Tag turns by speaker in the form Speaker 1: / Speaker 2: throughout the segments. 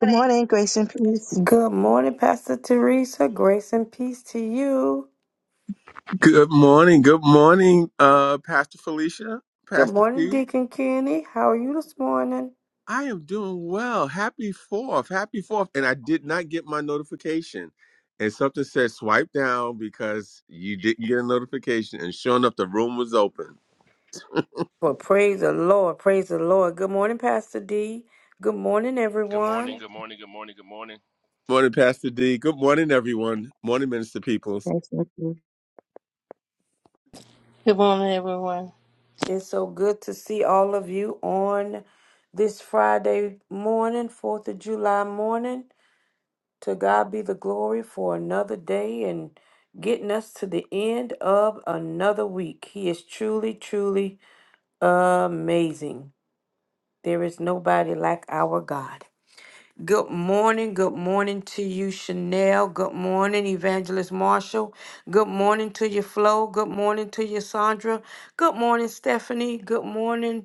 Speaker 1: Good morning, grace and peace.
Speaker 2: Good morning, Pastor Teresa. Grace and peace to you.
Speaker 3: Good morning. Good morning, uh, Pastor Felicia,
Speaker 2: Good
Speaker 3: Pastor
Speaker 2: morning,
Speaker 3: T.
Speaker 2: Deacon Kenny. How are you this morning?
Speaker 3: I am doing well. Happy fourth. Happy fourth. And I did not get my notification. And something said swipe down because you didn't get a notification. And sure enough, the room was open.
Speaker 2: Well, praise the Lord. Praise the Lord. Good morning, Pastor D. Good morning,
Speaker 4: Good morning,
Speaker 2: everyone.
Speaker 4: good morning, good morning, good morning.
Speaker 3: Morning, Pastor D. Good morning, everyone. Morning, Minister Peoples.
Speaker 1: Grace and peace.
Speaker 5: Good morning, everyone.
Speaker 2: It's so good to see all of you on this Friday morning, 4th of July morning. To God be the glory for another day and getting us to the end of another week. He is truly, truly amazing. There is nobody like our God. Good morning. Good morning to you, Chanel. Good morning, Evangelist Marshall. Good morning to you, Flo. Good morning to you, Sandra. Good morning, Stephanie. Good morning,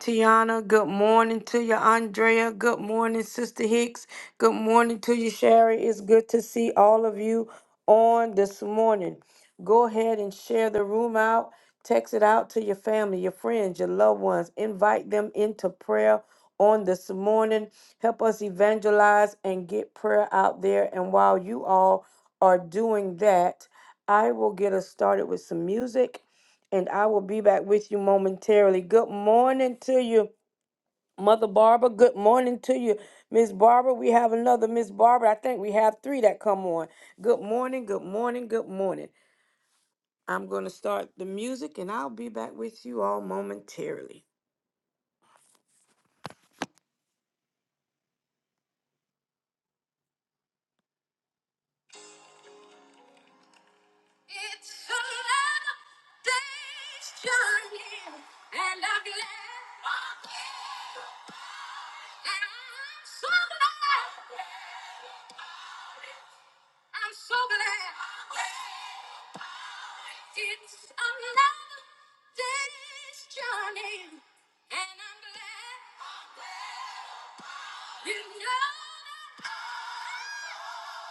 Speaker 2: Tiana. Good morning to you, Andrea. Good morning, Sister Hicks. Good morning to you, Sherry. It's good to see all of you on this morning. Go ahead and share the room out. Text it out to your family, your friends, your loved ones. Invite them into prayer on this morning. Help us evangelize and get prayer out there. And while you all are doing that, I will get us started with some music and I will be back with you momentarily. Good morning to you, Mother Barbara. Good morning to you, Miss Barbara. We have another Miss Barbara. I think we have three that come on. Good morning, good morning, good morning. I'm going to start the music and I'll be back with you all momentarily. It's another long day's journey, and I'm glad. for you. And I'm so glad. I'm so glad. It's another long day's journey, and I'm glad. You know that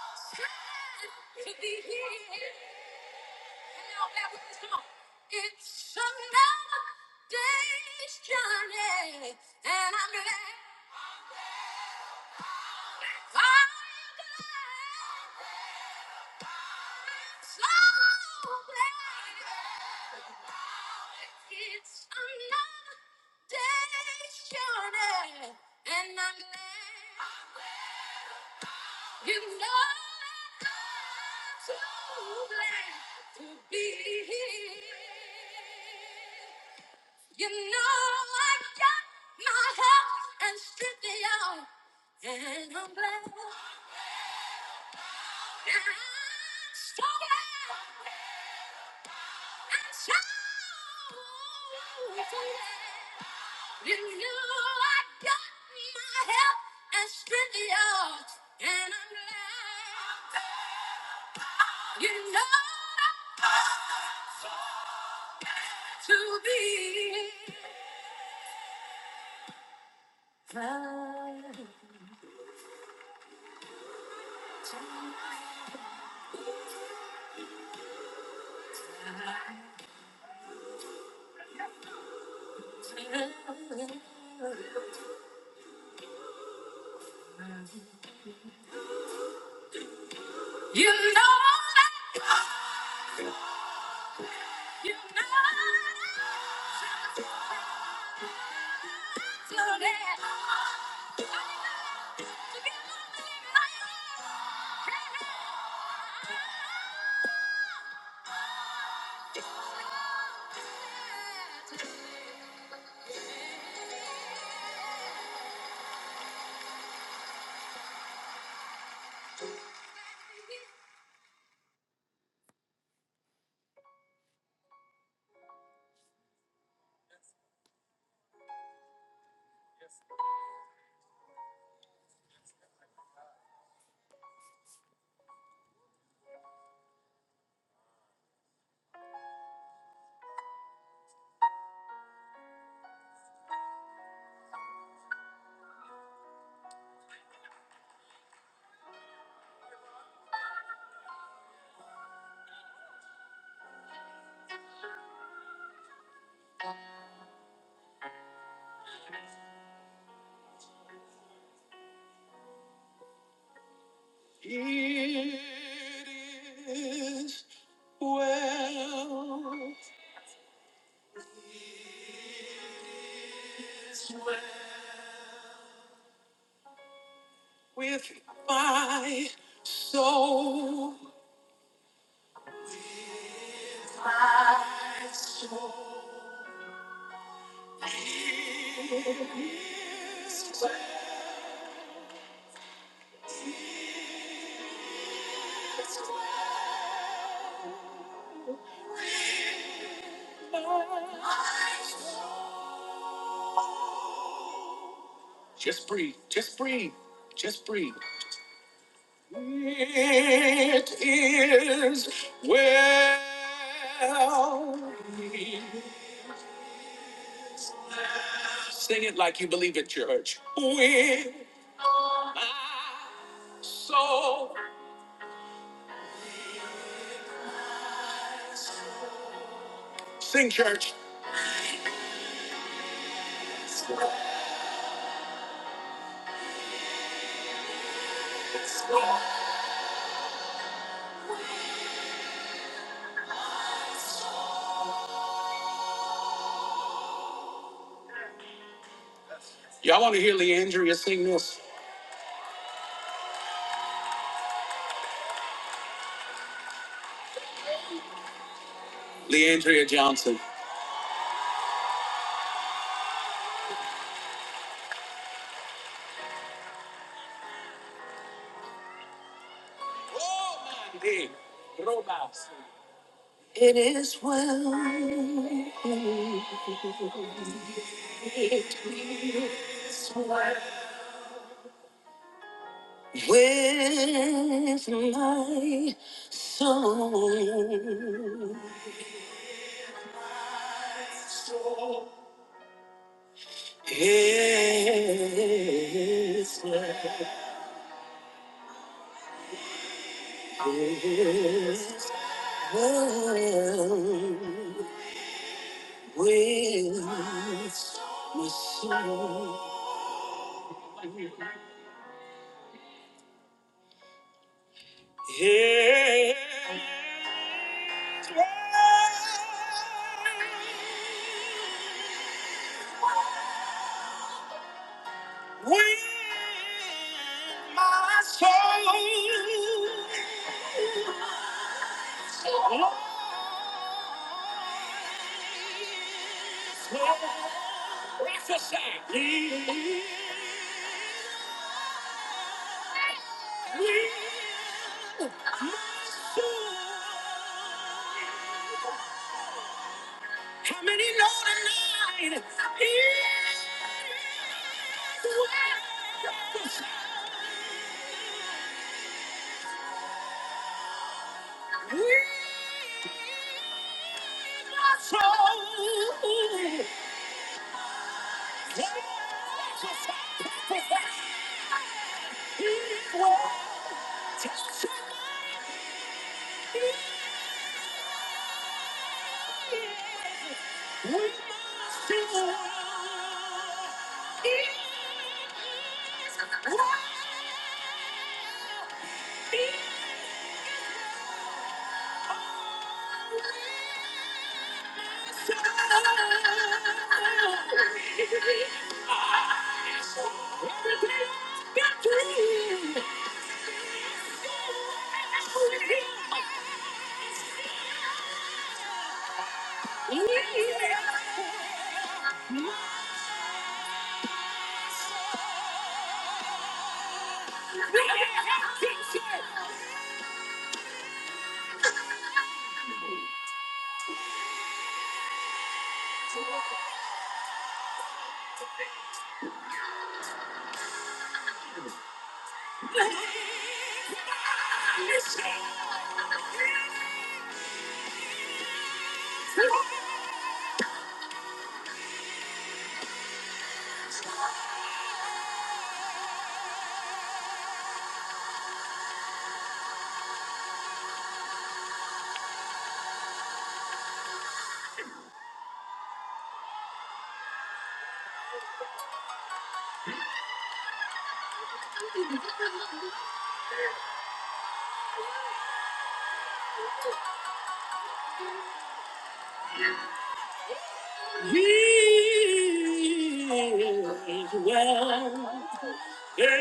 Speaker 2: I'm sad to be here. It's another day's journey, and I'm glad. I'm glad. So glad. It's another day's journey, and I'm glad. You know I'm so glad to be here. You know I got my health and strength out, and I'm glad. And I'm so glad. I'm so glad. You know I got my health and strength out, and I'm glad. You know to be proud. You know that. You know that. Slow down. It is well with my soul. It's well. Just breathe. Just breathe. Just breathe. It is well. Sing it like you believe it, church. With my soul. Sing, church. Y'all want to hear Leandria sing this? Leandria Johnson. Oh, my day. Robust. It is well. This life will with my soul. Yes, with my soul. Lord, prophesy. My soul We are so he will touch your life. We must know he is real. Yeah. He's well. He's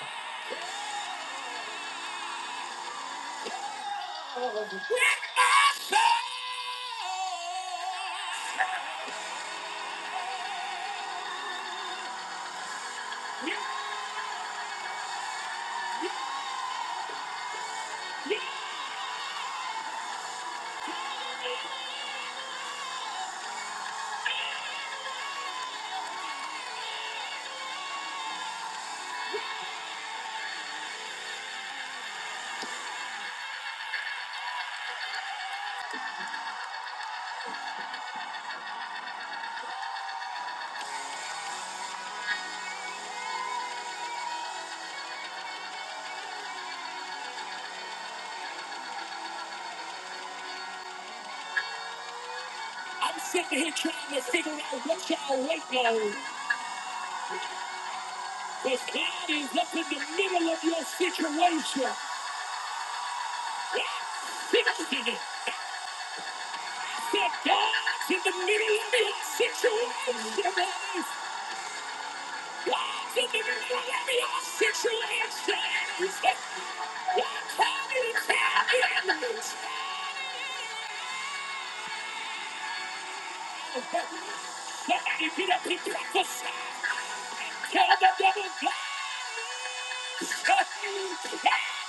Speaker 2: well. With my soul. Yeah, yeah. I'm sitting here trying to figure out what y'all waiting on. Because God is up in the middle of your situation. Yeah, Fix it. I said God's in the middle of your situation. Somebody beat up his breakfast. Tell the devil, God, he's turning it around.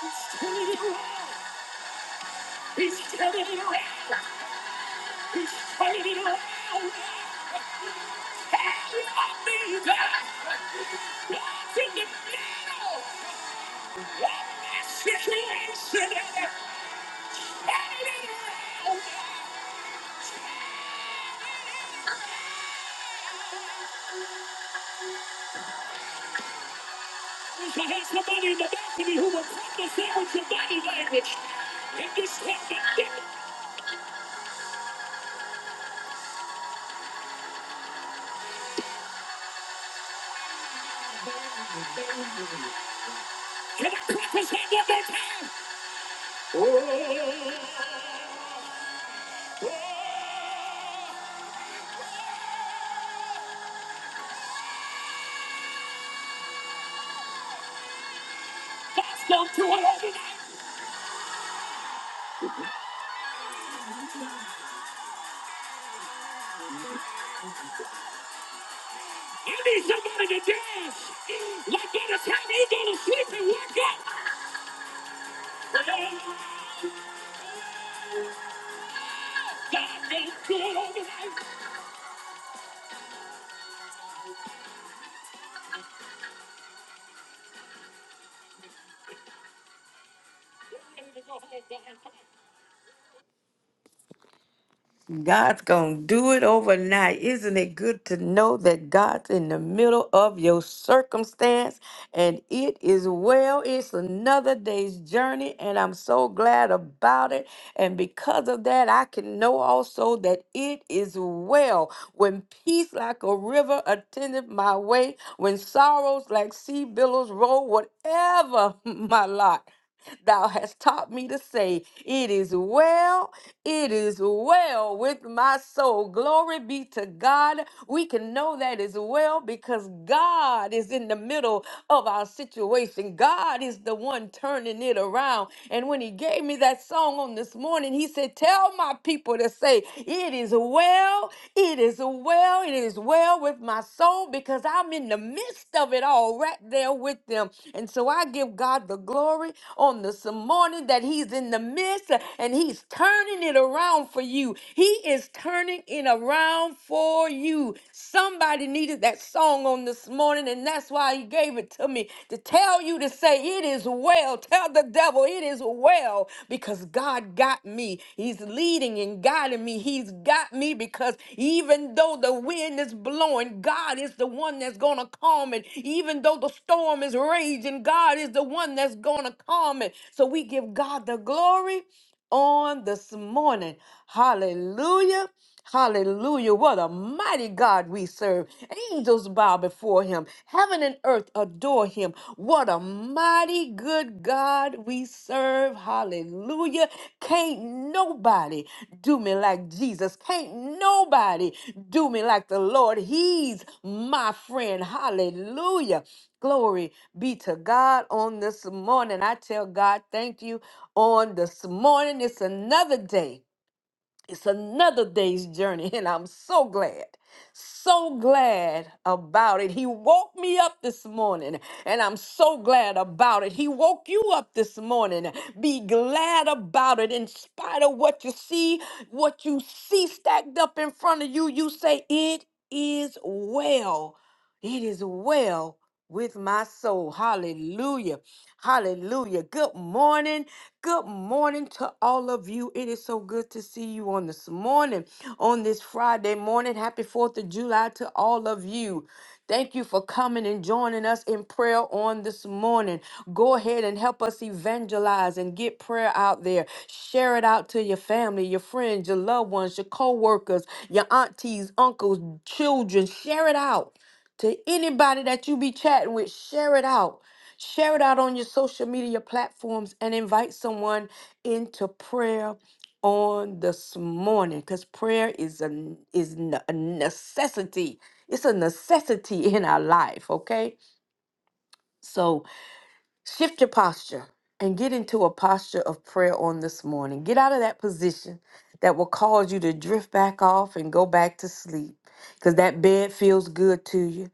Speaker 2: He's turning it around. He's turning it around. Have you me, God? God's in the middle. I there's somebody in the balcony who will prophesy with your body language. If you step back in, can I prophesy one every time? God's going to it all tonight. I need somebody to dance. Like by the time you go to sleep and wake up, God going to do it all tonight. God's going to do it overnight. Isn't it good to know that God's in the middle of your circumstance and it is well? It's another day's journey, and I'm so glad about it. And because of that, I can know also that it is well. When peace like a river attended my way, when sorrows like sea billows roll, whatever my lot. Thou hast taught me to say, It is well, it is well with my soul. Glory be to God. We can know that is well because God is in the middle of our situation. God is the one turning it around. And when He gave me that song on this morning, He said, Tell my people to say, It is well, it is well, it is well with.'" with my soul because I'm in the midst of it all right there with them. And so I give God the glory on this morning that He's in the midst and He's turning it around for you. He is turning it around for you. Somebody needed that song on this morning, and that's why He gave it to me to tell you to say, It is well. Tell the devil, It is well, because because God got me. He's leading and guiding me. He's got me because even though the wind is blowing, God is the one that's going to calm it. Even though the storm is raging, God is the one that's going to calm it. So we give God the glory on this morning. Hallelujah. Hallelujah. What a mighty God we serve. Angels bow before him. Heaven and earth adore him. What a mighty good God we serve. Hallelujah. Can't nobody do me like Jesus. Can't nobody do me like the Lord. He's my friend. Hallelujah. Glory be to God on this morning. I tell God, thank you on this morning. It's another day it's another day's journey, and I'm so glad, so glad about it. He woke me up this morning, and I'm so glad about it. He woke you up this morning. Be glad about it. In spite of what you see, what you see stacked up in front of you, you say, It is well. It is well with my soul. Hallelujah. Hallelujah. Good morning. Good morning to all of you. It is so good to see you on this morning, on this Friday morning. Happy 4th of July to all of you. Thank you for coming and joining us in prayer on this morning. Go ahead and help us evangelize and get prayer out there. Share it out to your family, your friends, your loved ones, your co workers, your aunties, uncles, children. Share it out to anybody that you be chatting with. Share it out Share it out on your social media platforms and invite someone into prayer on this morning because prayer is a n- is n- a necessity. It's a necessity in our life, okay? So shift your posture and get into a posture of prayer on this morning. Get out of that position that will cause you to drift back off and go back to sleep because that bed feels good to you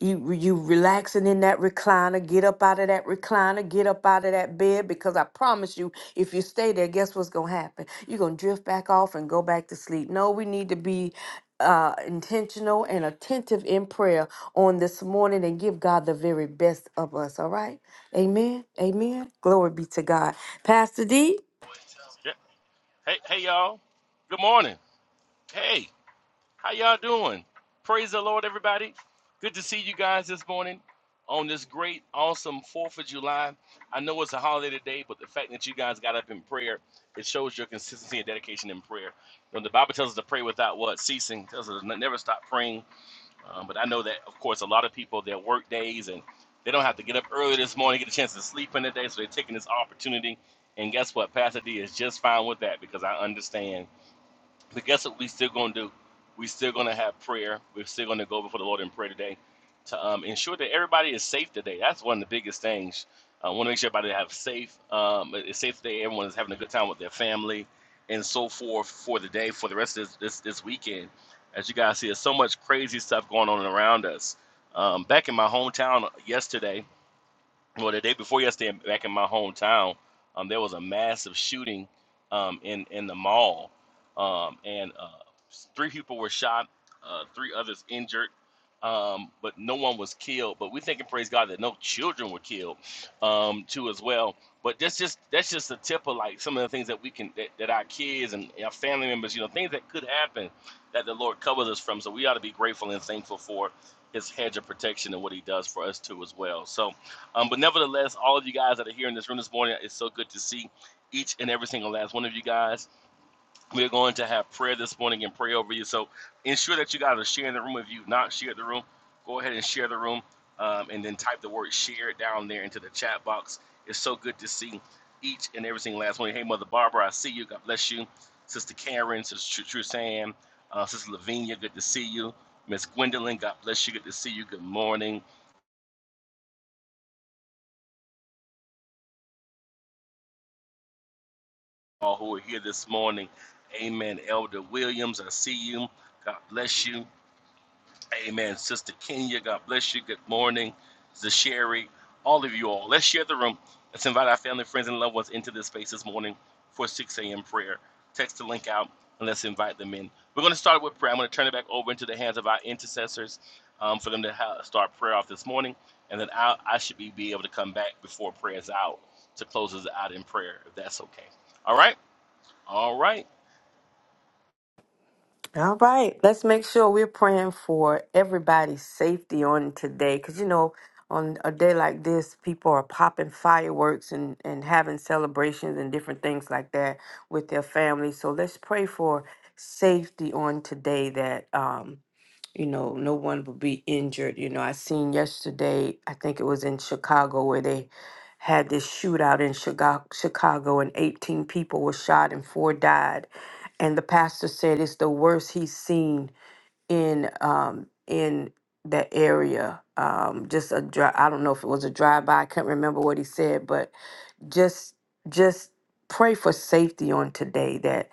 Speaker 2: you you relaxing in that recliner get up out of that recliner get up out of that bed because i promise you if you stay there guess what's gonna happen you're gonna drift back off and go back to sleep no we need to be uh, intentional and attentive in prayer on this morning and give god the very best of us all right amen amen glory be to god pastor d
Speaker 4: Yeah. Hey, hey y'all. Good morning. Hey, how y'all doing? Praise the Lord, everybody. Good to see you guys this morning on this great, awesome 4th of July. I know it's a holiday today, but the fact that you guys got up in prayer, it shows your consistency and dedication in prayer. When the Bible tells us to pray without what? Ceasing. It tells us to never stop praying Um, but I know that, of course, a lot of people their work days and they don't have to get up early this morning, get a chance to sleep in the day, so they're taking this opportunity. And guess what? Pastor D is just fine with that because I understand. But guess what we still gonna do? We still gonna have prayer. We're still gonna go before the Lord in prayer today to um, ensure that everybody is safe today. That's one of the biggest things. I want to make sure everybody have safe. Um, it's safe today. Everyone is having a good time with their family and so forth for the day, for the rest of this this, this weekend. As you guys see, there's so much crazy stuff going on around us. Um, back in my hometown yesterday, well the day before yesterday back in my hometown um, there was a massive shooting um, in in the mall um, and uh, three people were shot uh, three others injured um, but no one was killed but we thank and praise god that no children were killed um, too as well but that's just that's just the tip of like some of the things that we can that, that our kids and our family members you know things that could happen that the lord covers us from so we ought to be grateful and thankful for his hedge of protection and what he does for us too as well so um, but nevertheless, all of you guys that are here in this room this morning, it's so good to see each and every single last one of you guys. We're going to have prayer this morning and pray over you. So ensure that you guys are sharing the room. If you've not shared the room, go ahead and share the room um, and then type the word share down there into the chat box. It's so good to see each and every single last one. Hey, Mother Barbara, I see you. God bless you. Sister Karen, Sister Tr- uh, Sister Lavinia, good to see you. Miss Gwendolyn, God bless you. Good to see you. Good morning. all who are here this morning. Amen. Elder Williams, I see you. God bless you. Amen. Sister Kenya, God bless you. Good morning. Zasheri, all of you all. Let's share the room. Let's invite our family, friends, and loved ones into this space this morning for 6 a.m. prayer. Text the link out and let's invite them in. We're going to start with prayer. I'm going to turn it back over into the hands of our intercessors um, for them to ha- start prayer off this morning. And then I, I should be, be able to come back before prayer is out to close us out in prayer, if that's okay. All right? All right.
Speaker 2: All right, let's make sure we're praying for everybody's safety on today because you know, on a day like this, people are popping fireworks and, and having celebrations and different things like that with their families. So let's pray for safety on today that um, you know, no one would be injured. You know, I seen yesterday, I think it was in Chicago where they had this shootout in Chicago, Chicago and 18 people were shot and four died. And the pastor said it's the worst he's seen in um in that area. Um just a dri I don't know if it was a drive by, I can't remember what he said, but just just pray for safety on today that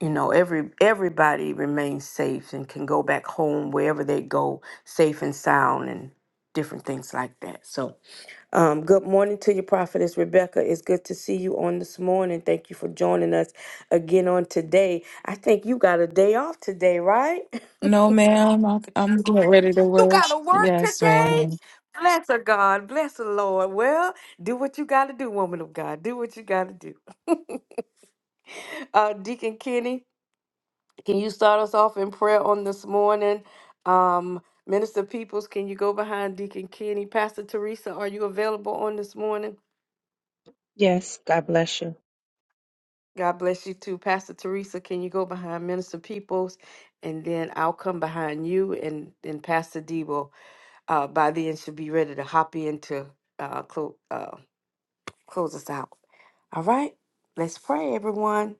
Speaker 2: you know every everybody remains safe and can go back home wherever they go safe and sound and different things like that so um, good morning to you prophetess rebecca it's good to see you on this morning thank you for joining us again on today i think you got a day off today right
Speaker 6: No, ma'am. I- I'm getting ready to
Speaker 2: You
Speaker 6: work.
Speaker 2: gotta work
Speaker 6: Yes, ma'am.
Speaker 2: today. Bless her, God. Bless the Lord. Well, do what you gotta do, woman of God. Do what you gotta do. uh, Deacon Kenny, can you start us off in prayer on this morning? Um, Minister Peoples, can you go behind Deacon Kenny? Pastor Teresa, are you available on this morning?
Speaker 1: Yes, God bless you.
Speaker 2: God bless you too. Pastor Teresa, can you go behind Minister Peoples? And then I'll come behind you and, then Pastor Debo uh, by then should be ready to hop into uh, clo- uh, close us out. All right? Let's pray, everyone.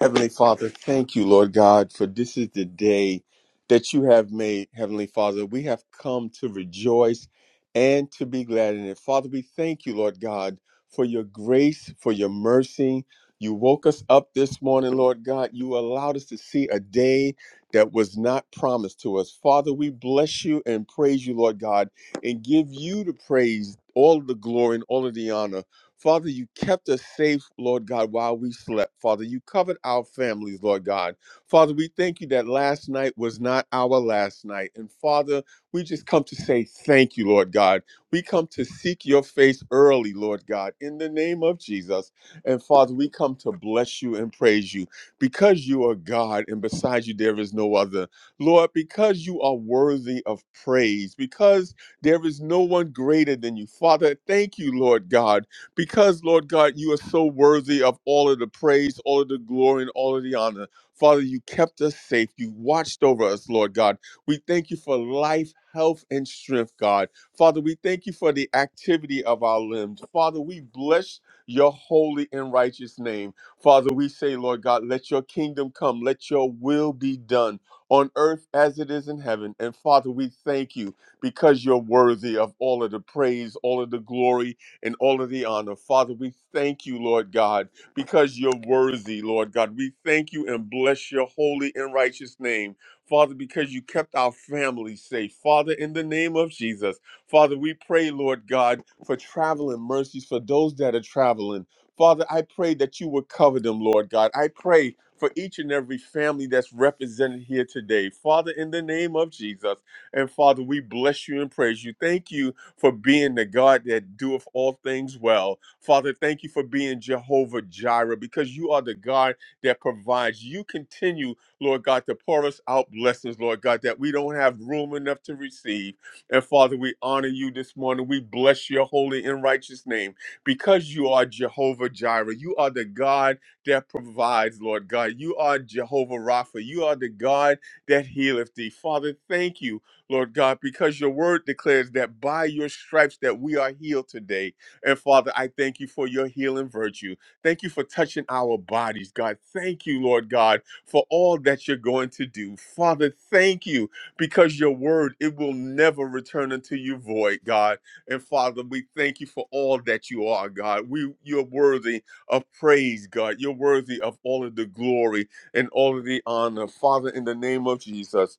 Speaker 3: Heavenly Father, thank you, Lord God, for this is the day that you have made, Heavenly Father. We have come to rejoice and to be glad in it. Father, we thank you, Lord God, for your grace, for your mercy. You woke us up this morning, Lord God. You allowed us to see a day that was not promised to us. Father, we bless you and praise you, Lord God, and give you the praise, all the glory, and all of the honor. Father, you kept us safe, Lord God, while we slept. Father, you covered our families, Lord God. Father, we thank you that last night was not our last night. And Father, we just come to say thank you, Lord God. We come to seek your face early, Lord God, in the name of Jesus. And Father, we come to bless you and praise you because you are God and beside you there is no other. Lord, because you are worthy of praise, because there is no one greater than you. Father, thank you, Lord God because, Lord God, you are so worthy of all of the praise, all of the glory, and all of the honor. Father, you kept us safe. You watched over us, Lord God. We thank you for life, health, and strength, God. Father, we thank you for the activity of our limbs. Father, we bless your holy and righteous name. Father, we say, Lord God, let your kingdom come, let your will be done on earth as it is in heaven. And Father, we thank you because you're worthy of all of the praise, all of the glory, and all of the honor. Father, we thank you, Lord God, because you're worthy, Lord God. We thank you and bless your holy and righteous name. Father, because you kept our family safe. Father, in the name of Jesus. Father, we pray, Lord God, for traveling mercies for those that are traveling. Father, I pray that you would cover them, Lord God. I pray for each and every family that's represented here today. Father, in the name of Jesus. And Father, we bless you and praise you. Thank you for being the God that doeth all things well. Father, thank you for being Jehovah Jireh because you are the God that provides. You continue, Lord God, to pour us out blessings, Lord God, that we don't have room enough to receive. And Father, we honor you this morning. We bless your holy and righteous name because you are Jehovah Jireh. You are the God that provides, Lord God. You are Jehovah Rapha. You are the God that healeth thee. Father, thank you Lord God, because your word declares that by your stripes that we are healed today. And Father, I thank you for your healing virtue. Thank you for touching our bodies, God. Thank you, Lord God, for all that you're going to do. Father, thank you because your word, it will never return unto you void, God. And Father, we thank you for all that you are, God. We you're worthy of praise, God. You're worthy of all of the glory and all of the honor. Father, in the name of Jesus.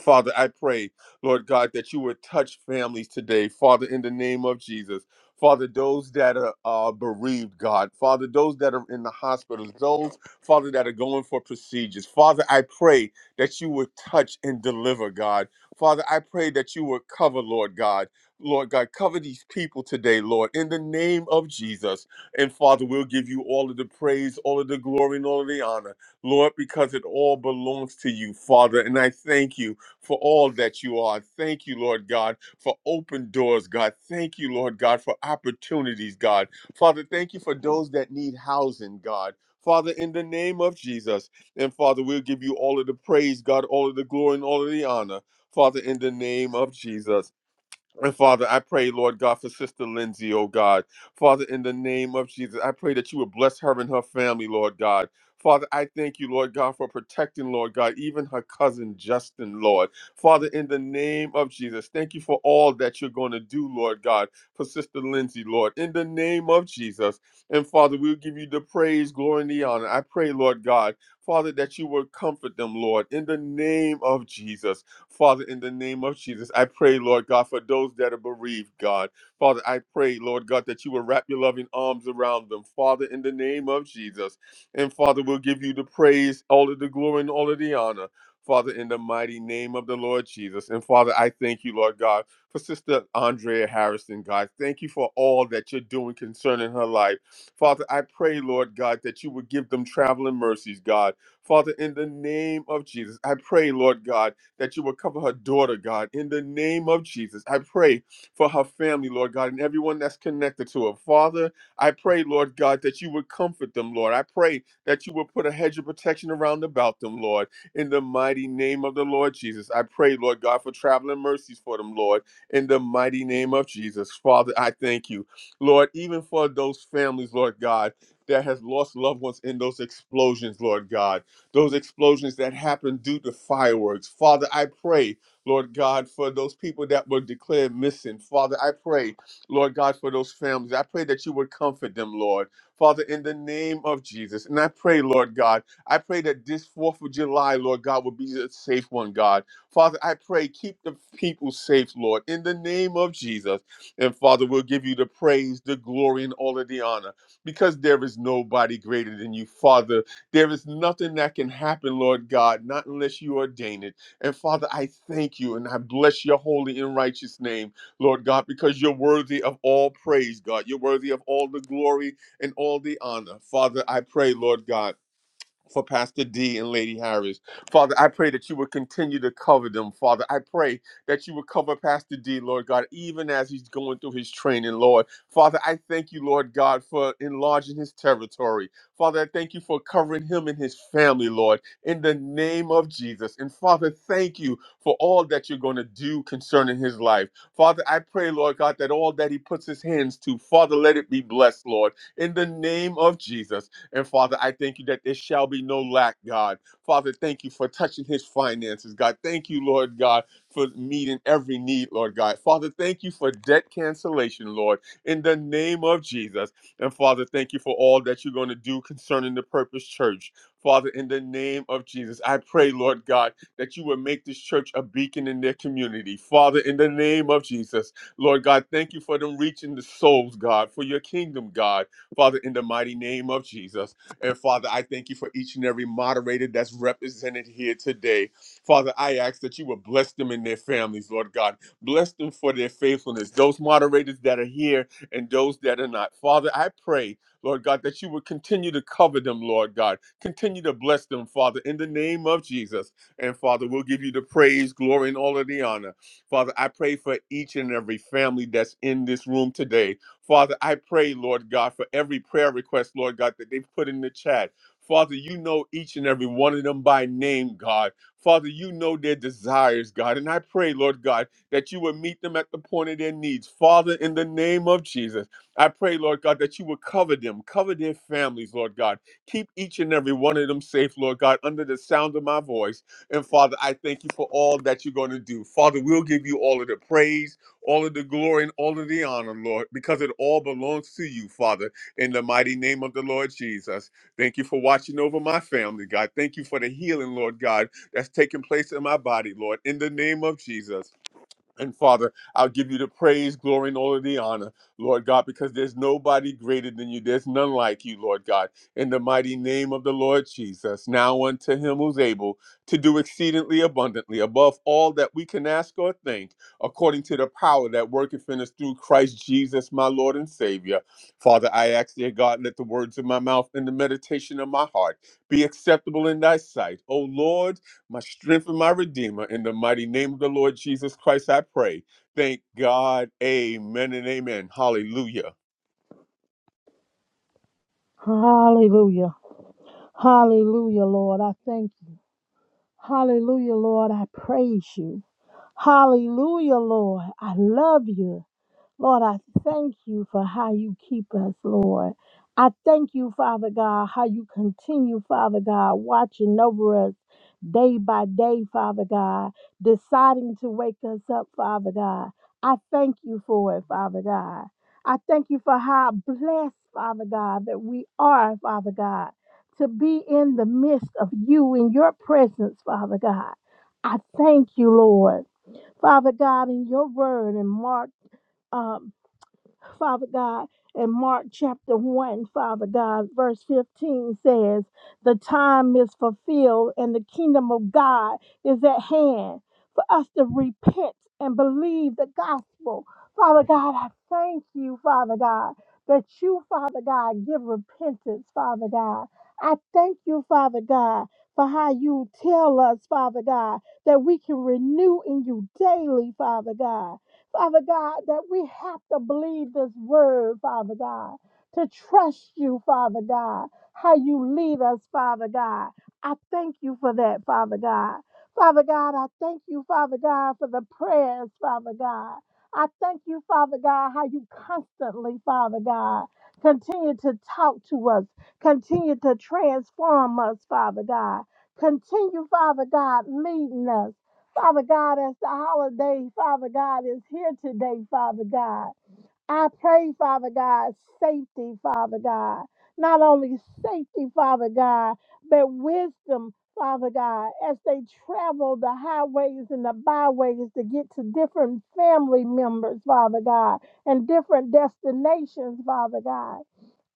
Speaker 3: Father, I pray, Lord God, that you would touch families today, Father, in the name of Jesus. Father, those that are uh, bereaved, God. Father, those that are in the hospitals, those, Father, that are going for procedures. Father, I pray that you would touch and deliver, God. Father, I pray that you would cover, Lord God. Lord God, cover these people today, Lord, in the name of Jesus. And Father, we'll give you all of the praise, all of the glory, and all of the honor, Lord, because it all belongs to you, Father. And I thank you for all that you are. Thank you, Lord God, for open doors, God. Thank you, Lord God, for opportunities, God. Father, thank you for those that need housing, God. Father, in the name of Jesus. And Father, we'll give you all of the praise, God, all of the glory, and all of the honor. Father, in the name of Jesus. And Father, I pray, Lord God, for Sister Lindsay, oh God. Father, in the name of Jesus, I pray that you would bless her and her family, Lord God. Father, I thank you, Lord God, for protecting, Lord God, even her cousin Justin, Lord. Father, in the name of Jesus, thank you for all that you're going to do, Lord God, for Sister Lindsay, Lord. In the name of Jesus. And Father, we'll give you the praise, glory, and the honor. I pray, Lord God, Father, that you would comfort them, Lord, in the name of Jesus. Father, in the name of Jesus, I pray, Lord God, for those that are bereaved, God. Father, I pray, Lord God, that you will wrap your loving arms around them, Father, in the name of Jesus. And Father, we'll give you the praise, all of the glory, and all of the honor. Father, in the mighty name of the Lord Jesus. And Father, I thank you, Lord God, for Sister Andrea Harrison, God. Thank you for all that you're doing concerning her life. Father, I pray, Lord God, that you would give them traveling mercies, God. Father, in the name of Jesus, I pray, Lord God that you will cover her daughter, God, in the name of Jesus. I pray for her family, Lord God, and everyone that's connected to her. Father, I pray, Lord God, that you would comfort them, Lord. I pray that you would put a hedge of protection around about them, Lord, in the mighty name of the Lord Jesus. I pray, Lord God, for traveling mercies for them, Lord, in the mighty name of Jesus. Father, I thank you, Lord, even for those families, Lord God, that has lost loved ones in those explosions, Lord God those explosions that happened due to fireworks. Father, I pray, Lord God, for those people that were declared missing. Father, I pray, Lord God, for those families. I pray that you would comfort them, Lord. Father, in the name of Jesus. And I pray, Lord God, I pray that this 4th of July, Lord God, will be a safe one, God. Father, I pray, keep the people safe, Lord, in the name of Jesus. And Father, we'll give you the praise, the glory, and all of the honor because there is nobody greater than you, Father. There is nothing that can happen, Lord God, not unless you ordain it. And Father, I thank you and I bless your holy and righteous name, Lord God, because you're worthy of all praise, God. You're worthy of all the glory and all the honor. Father, I pray, Lord God for Pastor D and Lady Harris. Father, I pray that you would continue to cover them, Father. I pray that you would cover Pastor D, Lord God, even as he's going through his training, Lord. Father, I thank you, Lord God, for enlarging his territory. Father, I thank you for covering him and his family, Lord, in the name of Jesus. And Father, thank you for all that you're going to do concerning his life. Father, I pray, Lord God, that all that he puts his hands to, Father, let it be blessed, Lord, in the name of Jesus. And Father, I thank you that there shall be no lack, God. Father, thank you for touching his finances, God. Thank you, Lord God, for meeting every need, Lord God. Father, thank you for debt cancellation, Lord, in the name of Jesus. And Father, thank you for all that you're going to do concerning the Purpose Church. Father, in the name of Jesus, I pray, Lord God, that you would make this church a beacon in their community. Father, in the name of Jesus, Lord God, thank you for them reaching the souls, God, for your kingdom, God. Father, in the mighty name of Jesus. And Father, I thank you for each and every moderator that's represented here today. Father, I ask that you would bless them and their families, Lord God. Bless them for their faithfulness, those moderators that are here and those that are not. Father, I pray, Lord God, that you would continue to cover them, Lord God. Continue to bless them, Father, in the name of Jesus. And Father, we'll give you the praise, glory, and all of the honor. Father, I pray for each and every family that's in this room today. Father, I pray, Lord God, for every prayer request, Lord God, that they've put in the chat. Father, you know each and every one of them by name, God. Father, you know their desires, God. And I pray, Lord God, that you would meet them at the point of their needs. Father, in the name of Jesus, I pray, Lord God, that you would cover them, cover their families, Lord God. Keep each and every one of them safe, Lord God, under the sound of my voice. And Father, I thank you for all that you're going to do. Father, we'll give you all of the praise all of the glory and all of the honor, Lord, because it all belongs to you, Father, in the mighty name of the Lord Jesus. Thank you for watching over my family, God. Thank you for the healing, Lord God, that's taking place in my body, Lord, in the name of Jesus. And Father, I'll give you the praise, glory, and all of the honor, Lord God, because there's nobody greater than you. There's none like you, Lord God. In the mighty name of the Lord Jesus, now unto him who's able to do exceedingly abundantly above all that we can ask or think, according to the power that worketh in us through Christ Jesus, my Lord and Savior. Father, I ask, dear God, let the words of my mouth and the meditation of my heart be acceptable in thy sight. O Lord, my strength and my redeemer. In the mighty name of the Lord Jesus Christ, I pray. Thank God. Amen and amen. Hallelujah.
Speaker 7: Hallelujah. Hallelujah, Lord. I thank you. Hallelujah, Lord. I praise you. Hallelujah, Lord. I love you. Lord, I thank you for how you keep us, Lord. I thank you, Father God, how you continue, Father God, watching over us day by day, Father God, deciding to wake us up, Father God. I thank you for it, Father God. I thank you for how blessed, Father God, that we are, Father God, to be in the midst of you in your presence, Father God. I thank you, Lord. Father God, in your word in Mark um, Father God, in Mark chapter 1, Father God, verse 15 says, The time is fulfilled and the kingdom of God is at hand for us to repent and believe the gospel. Father God, I thank you, Father God, that you, Father God, give repentance, Father God. I thank you, Father God, for how you tell us, Father God, that we can renew in you daily, Father God. Father God, that we have to believe this word, Father God, to trust you, Father God, how you lead us, Father God. I thank you for that, Father God. Father God, I thank you, Father God, for the prayers, Father God. I thank you, Father God, how you constantly, Father God, continue to talk to us, continue to transform us, Father God. Continue, Father God, leading us. Father God, as the holiday, Father God, is here today, Father God. I pray, Father God, safety, Father God. Not only safety, Father God, but wisdom, Father God, as they travel the highways and the byways to get to different family members, Father God, and different destinations, Father God.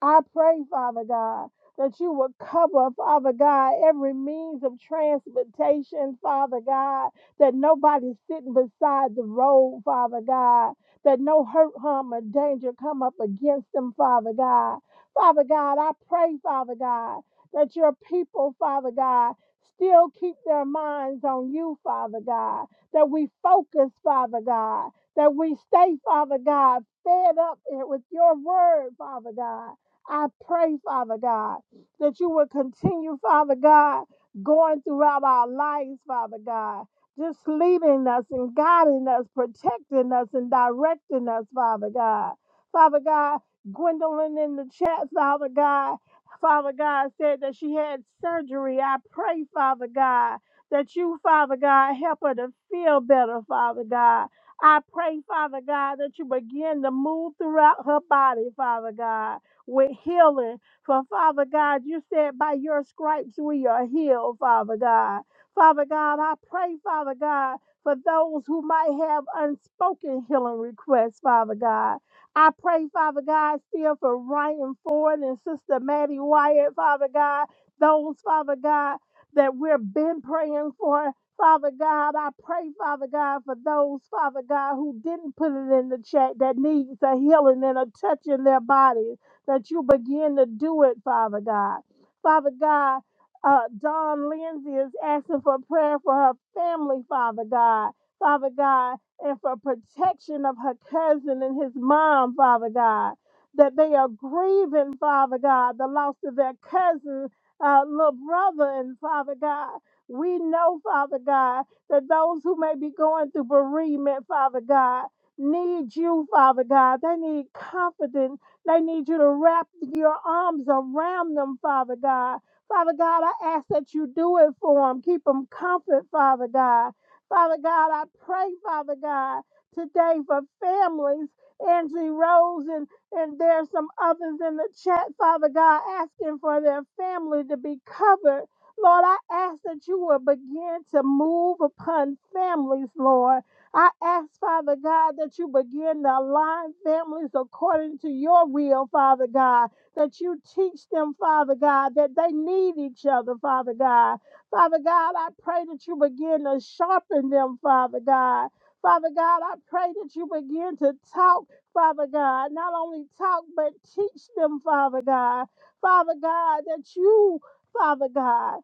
Speaker 7: I pray, Father God, that you would cover, Father God, every means of transportation, Father God, that nobody's sitting beside the road, Father God, that no hurt, harm, or danger come up against them, Father God. Father God, I pray, Father God, that your people, Father God, still keep their minds on you, Father God, that we focus, Father God, that we stay, Father God, fed up with your word, Father God I pray, Father God, that you will continue, Father God, going throughout our lives, Father God, just leading us and guiding us, protecting us and directing us, Father God. Father God, Gwendolyn in the chat, Father God, Father God said that she had surgery. I pray, Father God, that you, Father God, help her to feel better, Father God. I pray, Father God, that you begin to move throughout her body, Father God with healing. For Father God, you said by your stripes we are healed, Father God. Father God, I pray, Father God, for those who might have unspoken healing requests, Father God. I pray, Father God, still for Ryan Ford and Sister Maddie Wyatt, Father God, those, Father God, that we've been praying for. Father God, I pray, Father God, for those, Father God, who didn't put it in the chat that needs a healing and a touch in their bodies that you begin to do it, Father God. Father God, uh, Dawn Lindsay is asking for prayer for her family, Father God. Father God, and for protection of her cousin and his mom, Father God. That they are grieving, Father God, the loss of their cousin, uh, little brother, and Father God. We know, Father God, that those who may be going through bereavement, Father God, need you, Father God. They need comfort, they need you to wrap your arms around them, Father God. Father God, I ask that you do it for them. Keep them comfort, Father God. Father God, I pray, Father God, today for families, Angie Rose, and, and there's some others in the chat, Father God, asking for their family to be covered. Lord, I ask that you will begin to move upon families, Lord. I ask, Father God, that you begin to align families according to your will, Father God, that you teach them, Father God, that they need each other, Father God. Father God, I pray that you begin to sharpen them, Father God. Father God, I pray that you begin to talk, Father God, not only talk, but teach them, Father God. Father God, that you, Father God,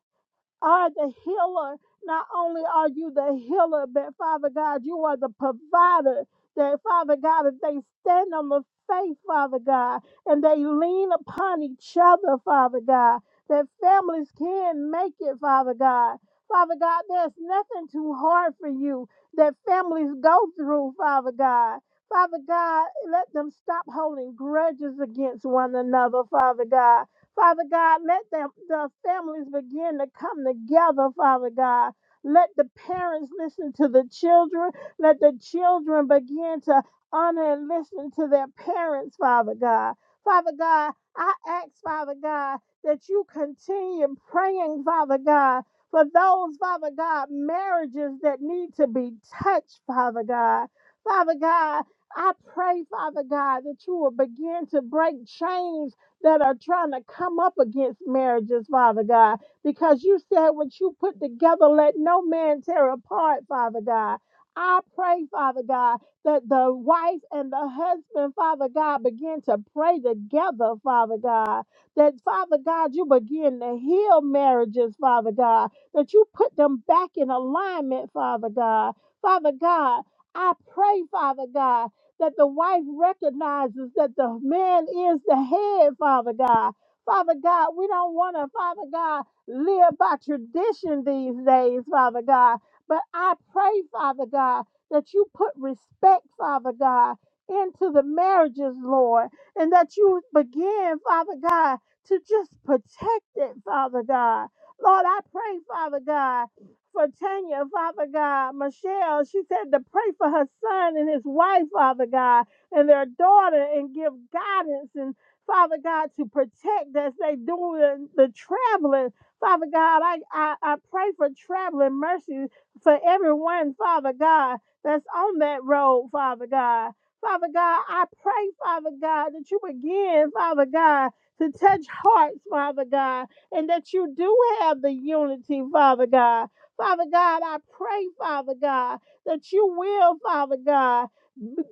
Speaker 7: are the healer. Not only are you the healer, but Father God, you are the provider. That Father God, if they stand on the faith, Father God, and they lean upon each other, Father God, that families can make it, Father God. Father God, there's nothing too hard for you that families go through, Father God. Father God, let them stop holding grudges against one another, Father God. Father God, let the, the families begin to come together, Father God. Let the parents listen to the children. Let the children begin to honor and listen to their parents, Father God. Father God, I ask, Father God, that you continue praying, Father God, for those, Father God, marriages that need to be touched, Father God. Father God, I pray, Father God, that you will begin to break chains that are trying to come up against marriages, Father God, because you said what you put together, let no man tear apart, Father God. I pray, Father God, that the wife and the husband, Father God, begin to pray together, Father God. That, Father God, you begin to heal marriages, Father God. That you put them back in alignment, Father God. Father God, I pray, Father God, that the wife recognizes that the man is the head, Father God. Father God, we don't want to, Father God, live by tradition these days, Father God. But I pray, Father God, that you put respect, Father God, into the marriages, Lord, and that you begin, Father God, to just protect it, Father God. Lord, I pray, Father God, for Tanya, Father God. Michelle, she said to pray for her son and his wife, Father God, and their daughter, and give guidance and Father God to protect as they doing the the traveling. Father God, I, I, I pray for traveling mercy for everyone, Father God, that's on that road, Father God. Father God, I pray, Father God, that you begin, Father God, to touch hearts, Father God, and that you do have the unity, Father God. Father God, I pray, Father God, that you will, Father God,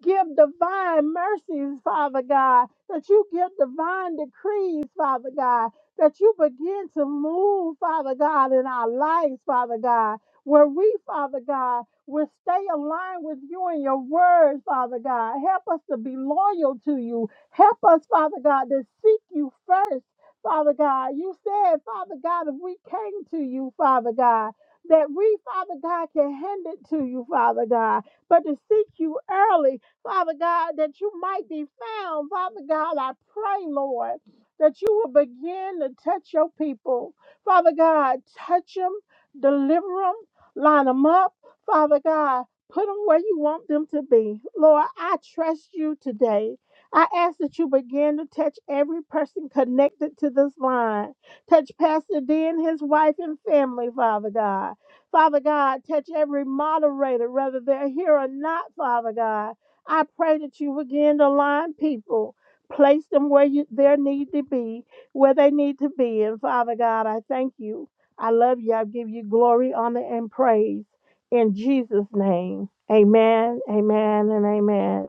Speaker 7: give divine mercies, Father God, that you give divine decrees, Father God, that you begin to move, Father God, in our lives, Father God, where we, Father God, will stay aligned with you and your word, Father God. Help us to be loyal to you. Help us, Father God, to seek you first. Father God, you said, Father God, if we came to you, Father God, that we, Father God, can hand it to you, Father God, but to seek you early, Father God, that you might be found. Father God, I pray, Lord, that you will begin to touch your people. Father God, touch them, deliver them, line them up. Father God, put them where you want them to be. Lord, I trust you today. I ask that you begin to touch every person connected to this line. Touch Pastor D and his wife and family, Father God. Father God, touch every moderator, whether they're here or not, Father God. I pray that you begin to line people, place them where you, their need to be, where they need to be. And Father God, I thank you. I love you. I give you glory, honor, and praise. In Jesus' name, amen, amen, and amen.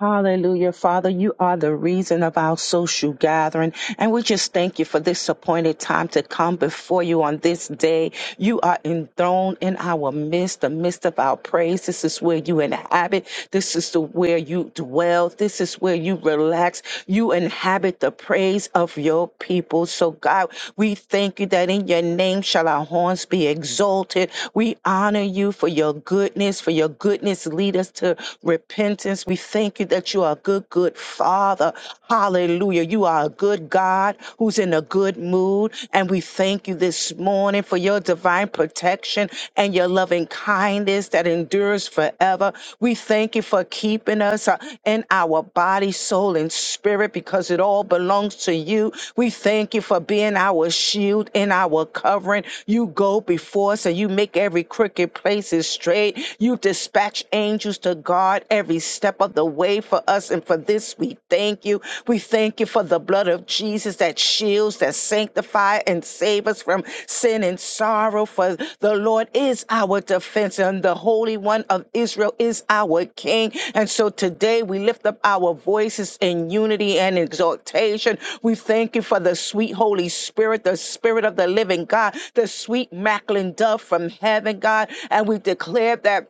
Speaker 1: Hallelujah. Father, you are the reason of our social gathering. And we just thank you for this appointed time to come before you on this day You are enthroned in our midst, the midst of our praise. This is where you inhabit. This is the where you dwell. This is where you relax. You inhabit the praise of your people. So God, we thank you that in your name shall our horns be exalted. We honor you for your goodness, for your goodness lead us to repentance. We thank you that you are a good, good Father. Hallelujah. You are a good God who's in a good mood. And we thank you this morning for your divine protection and your loving kindness that endures forever. We thank you for keeping us uh, in our body, soul, and spirit because it all belongs to you. We thank you for being our shield and our covering. You go before us and you make every crooked place is straight. You dispatch angels to guard every step of the way for us and for this, we thank you. We thank you for the blood of Jesus that shields, that sanctifies, and saves us from sin and sorrow. For the Lord is our defense, and the Holy One of Israel is our King. And so today we lift up our voices in unity and exaltation. We thank you for the sweet Holy Spirit, the Spirit of the living God, the sweet Macklin dove from heaven, God. And we declare that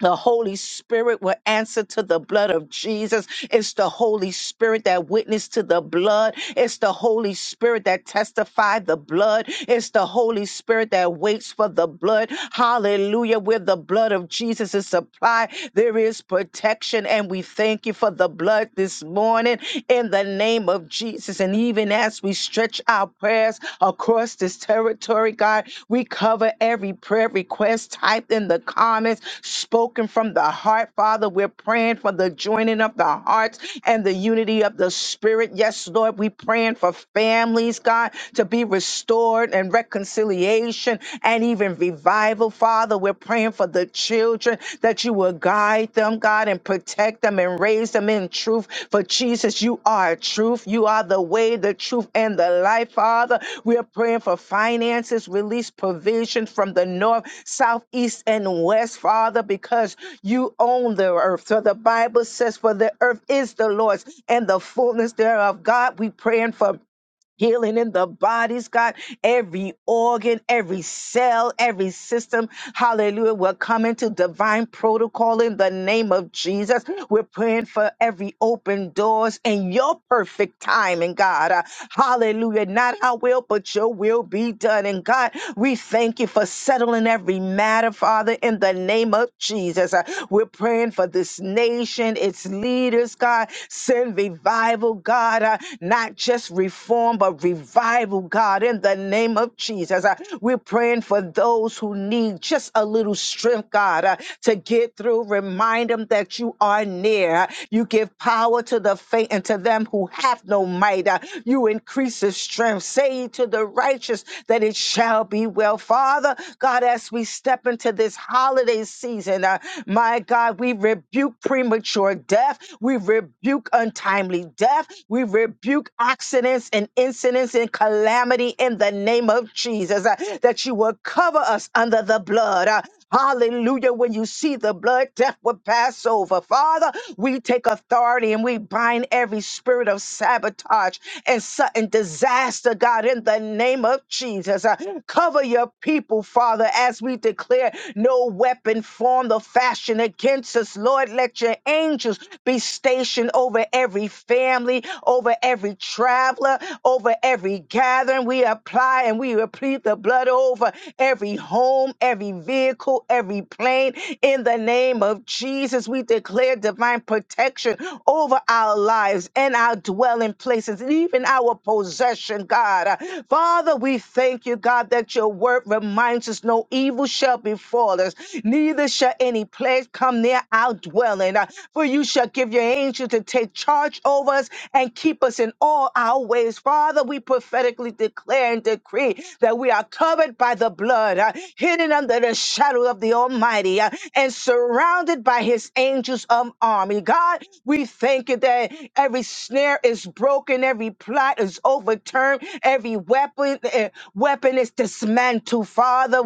Speaker 1: the Holy Spirit will answer to the blood of Jesus. It's the Holy Spirit that witnessed to the blood. It's the Holy Spirit that testified the blood. It's the Holy Spirit that waits for the blood. Hallelujah. Where the blood of Jesus is supplied, there is protection. And we thank you for the blood this morning in the name of Jesus. And even as we as we stretch our prayers across this territory, God. We cover every prayer request typed in the comments, spoken from the heart, Father. We're praying for the joining of the hearts and the unity of the Spirit. Yes, Lord, we praying for families, God, to be restored and reconciliation and even revival, Father. We're praying for the children children, that you will guide them, God, and protect them and raise them in truth. For Jesus, you are truth. You are the way, the truth, and the life, Father. We are praying for finances, release provision from the north, south, east, and west, Father, because you own the earth. So the Bible says, For the earth is the Lord's and the fullness thereof. God, we praying for Healing in the bodies, God, every organ, every cell, every system. Hallelujah. We're coming to divine protocol in the name of Jesus. We're praying for every open doors and your perfect timing, God. Uh, hallelujah. Not our will, but your will be done. And God, we thank you for settling every matter, Father, in the name of Jesus. Uh, we're praying for this nation, its leaders, God. Send revival, God. God, uh, not just reform, but revival, God, in the name of Jesus. Uh, we're praying for those who need just a little strength, God, uh, to get through. Remind them that you are near. Uh, You give power to the faint and to them who have no might. Uh, you increase the strength. Say to the righteous that it shall be well. Father, God, as we step into this holiday season, uh, my God, we rebuke premature death. We rebuke untimely death. We rebuke accidents and incidents and calamity in the name of Jesus. uh, that you will cover us under the blood. Uh, hallelujah. When you see the blood, death will pass over. Father, we take authority and we bind every spirit of sabotage and sudden disaster, God, in the name of Jesus. Uh, cover your people, Father, as we declare no weapon formed or fashioned against us, Lord, let your angels be stationed over every family, over every traveler, over every gathering. We apply and we replete the blood over every home, every vehicle, every plane. In the name of Jesus, we declare divine protection over our lives and our dwelling places, and even our possession, God. Uh, Father, we thank you, God, that your word reminds us no evil shall befall us neither shall any plague come near our dwelling. Uh, For you shall give your angels to take charge over us and keep us in all our ways. Father, we prophetically declare and decree that we are covered by the blood, uh, hidden under the shadow of the Almighty, uh, and surrounded by his angels of army. God, we thank you that every snare is broken, every plot is overturned, every weapon eh, weapon is dismantled. Father,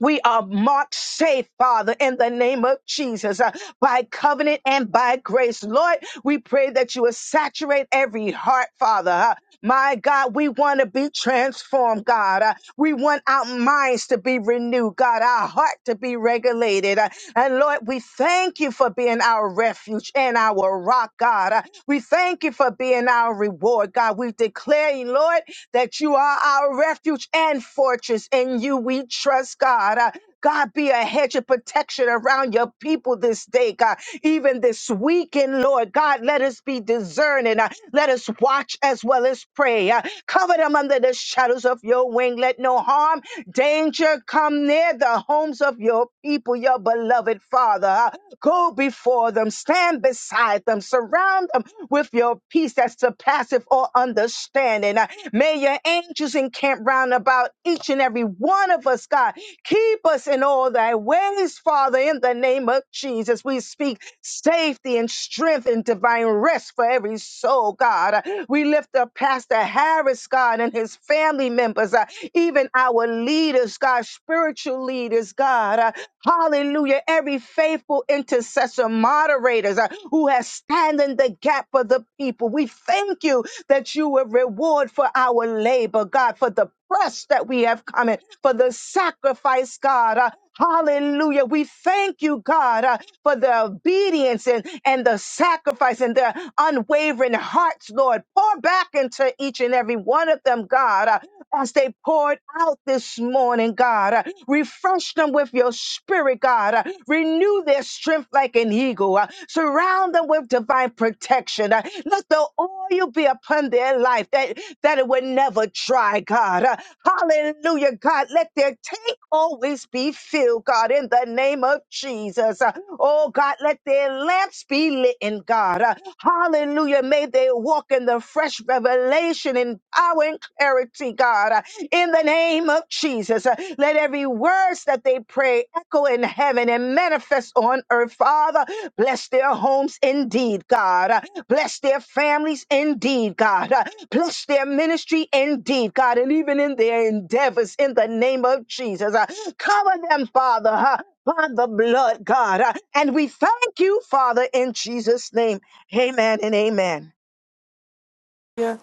Speaker 1: we are marked safe, Father, in the name of Jesus, uh, by covenant and by grace. Lord, we pray that you will saturate every heart, Father. uh, my God, we want to be transformed, God. Uh, we want our minds to be renewed, God, our heart to be regulated. Uh, and Lord, we thank you for being our refuge and our rock, God. Uh, we thank you for being our reward, God. We declare, Lord, that you are our refuge and fortress. and you you we trust, God. Uh, God, be a hedge of protection around your people this day, God. Even this weekend, Lord, God, let us be discerning. Uh, let us watch as well as pray. Uh, cover them under the shadows of your wing. Let no harm, danger come near the homes of your people, your beloved Father. Uh, go before them, stand beside them, surround them with your peace that surpasses all understanding. Uh, may your angels encamp round about Lord, each and every one of us, God. Keep us in all thy ways, Father, in the name of Jesus. We speak safety and strength and divine rest for every soul, God. We lift up Pastor Harris, God, and his family members, uh, even our leaders, God, spiritual leaders, God. Uh, hallelujah. Every faithful intercessor, moderators uh, who has stand in the gap for the people. We thank you that you will reward for our labor, God, for the pressed that we have come in for the sacrifice, God. Uh, Hallelujah. We thank you, God, uh, for the obedience and, and the sacrifice and their unwavering hearts, Lord. Pour back into each and every one of them, God, uh, as they poured out this morning, God. Uh, refresh them with your spirit, God. Uh, renew their strength like an eagle. Uh, surround them with divine protection. Uh, let the oil be upon their life that, that it would never dry, God. Uh, Hallelujah, God. Let their tank always be filled, God, in the name of Jesus. Uh, Oh, God, let their lamps be lit in God. Uh, Hallelujah. May they walk in the fresh revelation and power and clarity, God, Uh, in the name of Jesus. Uh, Let every words that they pray echo in heaven and manifest on earth, Father. Bless their homes indeed, God. Uh, Bless their families indeed, God. Bless their ministry indeed, God, and even in their endeavors in the name of Jesus. Uh, Cover them, Father, uh, by the blood, God. Uh, And we thank you, Father, in Jesus' name. Amen and amen.
Speaker 2: Hallelujah.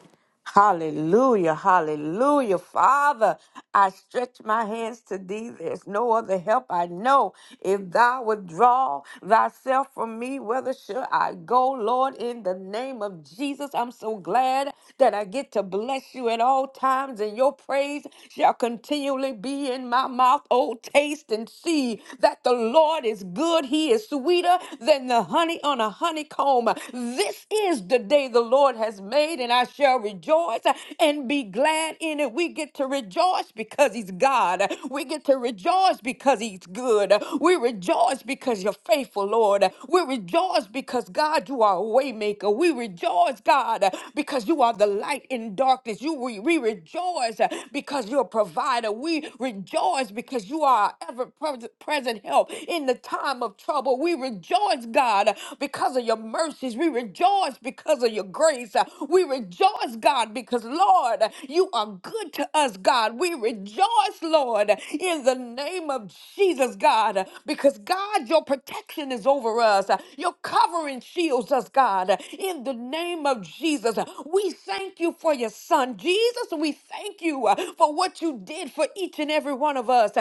Speaker 2: Hallelujah. Hallelujah. Father, I stretch my hands to thee. There's no other help I know. If thou withdraw thyself from me, whether shall I go, Lord, in the name of Jesus? I'm so glad that I get to bless you at all times, and your praise shall continually be in my mouth. Oh, taste and see that the Lord is good. He is sweeter than the honey on a honeycomb. This is the day the Lord. Lord has made, and I shall rejoice and be glad in it. We get to rejoice because He's God. We get to rejoice because He's good. We rejoice because You're faithful, Lord. We rejoice because God, You are a waymaker. We rejoice, God, because You are the light in darkness. You we, we rejoice because You're a provider. We rejoice because You are our ever-present help in the time of trouble. We rejoice, God, because of Your mercies. We rejoice because of your grace. Uh, We rejoice, God, because, Lord, you are good to us, God. We rejoice, Lord, in the name of Jesus, God, because, God, your protection is over us. Uh, Your covering shields us, God, in the name of Jesus. We thank you for your son, Jesus. We thank you uh, for what you did for each and every one of us.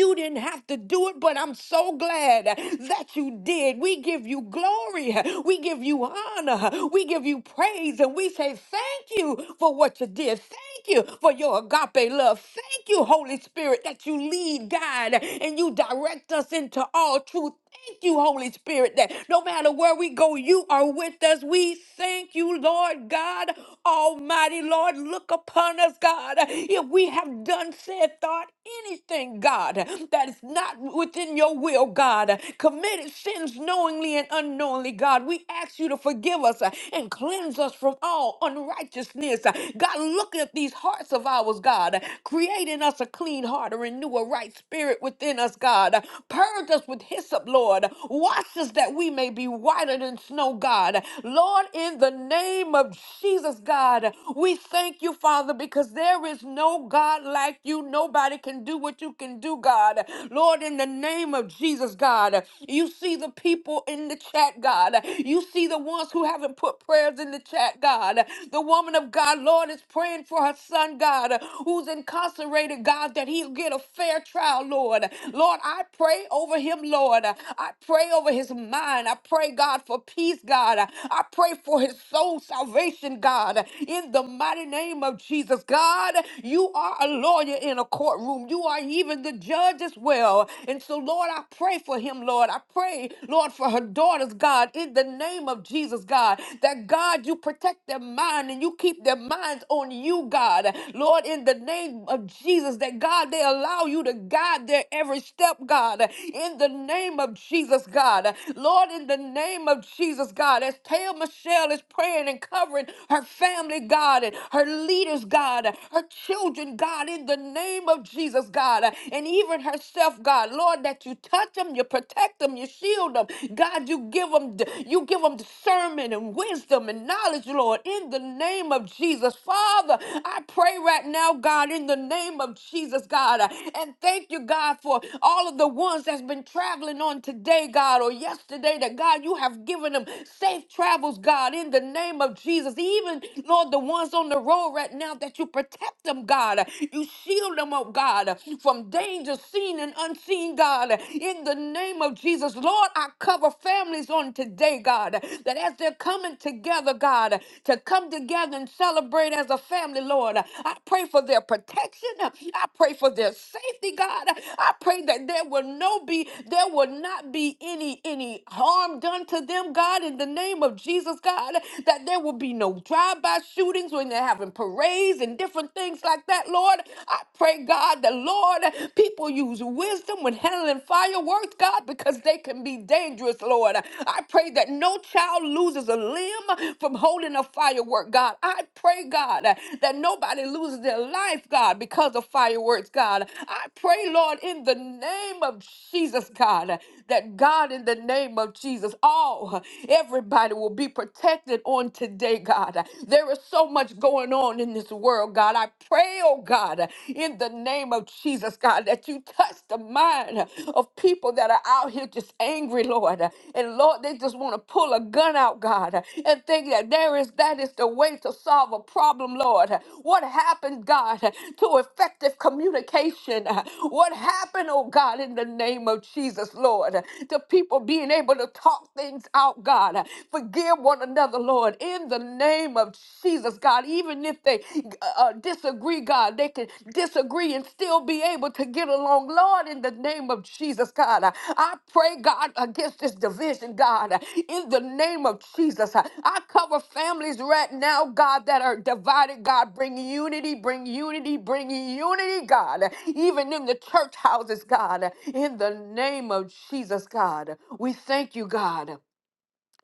Speaker 2: You didn't have to do it, but I'm so glad that you did. We give you glory glory. We give you honor. We give you praise. And we say thank you for what you did. Thank you for your agape love. Thank you, Holy Spirit, that you lead, guide, and you direct us into all truth. Thank you, Holy Spirit, that no matter where we go, you are with us. We thank you, Lord God Almighty. Lord, look upon us, God. If we have done, said, thought anything, God, that is not within your will, God, committed sins knowingly and unknowingly, God. We ask you to forgive us uh, and cleanse us from all unrighteousness. Uh, God, look at these hearts of ours, God, uh, create in us a clean heart, and renew a right spirit within us, God. Uh, Purge us with hyssop, Lord. Wash us that we may be whiter than snow, God. Lord, in the name of Jesus, God, we thank you, Father, because there is no God like you. Nobody can do what you can do, God. Lord, in the name name of Jesus, God. You see the people in the chat, God. You see the ones who haven't put prayers in the chat, God. The woman of God, Lord, is praying for her son, God, who's incarcerated, God, that he'll get a fair trial, Lord. Lord, I pray over him, Lord. I pray over his mind. I pray, God, for peace, God. I pray for his soul salvation, God, in the mighty name of Jesus. God, you are a lawyer in a courtroom. You are even the the judge as well. And so, Lord, I pray for him, Lord. I pray, Lord, for her daughters, God, in the name of Jesus, God, that God, you protect their mind and you keep their minds on you, God. Lord, in the name of Jesus, that God, they allow you to guide their every step, God, in the name of Jesus, God. Lord, in the name of Jesus, God, as Taylor Michelle is praying and covering her family, God, and her leaders, God, her children, God, in the name name of Jesus, God, uh, and even herself, God, Lord, that you touch them, you protect them, you shield them, God, you give them, you give them discernment and wisdom and knowledge, Lord, in the name of Jesus, Father, I pray right now, God, in the name of Jesus, God, uh, and thank you, God, for all of the ones that's been traveling on today, God, or yesterday, that God, you have given them safe travels, God, in the name of Jesus, even Lord, the ones on the road right now that you protect protect them, God. You shield them, oh God, from danger seen and unseen, God. In the name of Jesus, Lord, I cover families on today, God, that as they're coming together, God, to come together and celebrate as a family, Lord, I pray for their protection. I pray for their safety, God. I pray that there will no be, there will not be any any harm done to them, God. In the name of Jesus, God, that there will be no drive-by shootings when there they're having parades and different things like that, Lord. I pray, God, that Lord, people use wisdom when handling fireworks, God, because they can be dangerous, Lord. I pray that no child loses a limb from holding a firework, God. I pray, God, that nobody loses their life, God, because of fireworks, God. I pray, Lord, in the name of Jesus, God, that God, in the name of Jesus, all, everybody will be protected on today, God. God. There is so much going on in this world, God. I pray, oh God, in the name of Jesus, God, that you touch the mind of people that are out here just angry, Lord. And Lord, they just want to pull a gun out, God, and think that there is that is the way to solve a problem, Lord. What happened, God, to effective communication? What happened, oh God, in the name of Jesus, Lord, to people being able to talk things out, God? Forgive forgive one another, Lord, in the name of Jesus, God. Even if they uh, uh, disagree, God, they can disagree and still be able to get along, Lord, in the name of Jesus, God. I pray, God, against this division, God, in the name of Jesus. I cover families right now, God, that are divided, God. Bring unity, bring unity, bring unity, God, even in the church houses, God, in the name of Jesus, God. We thank you, God.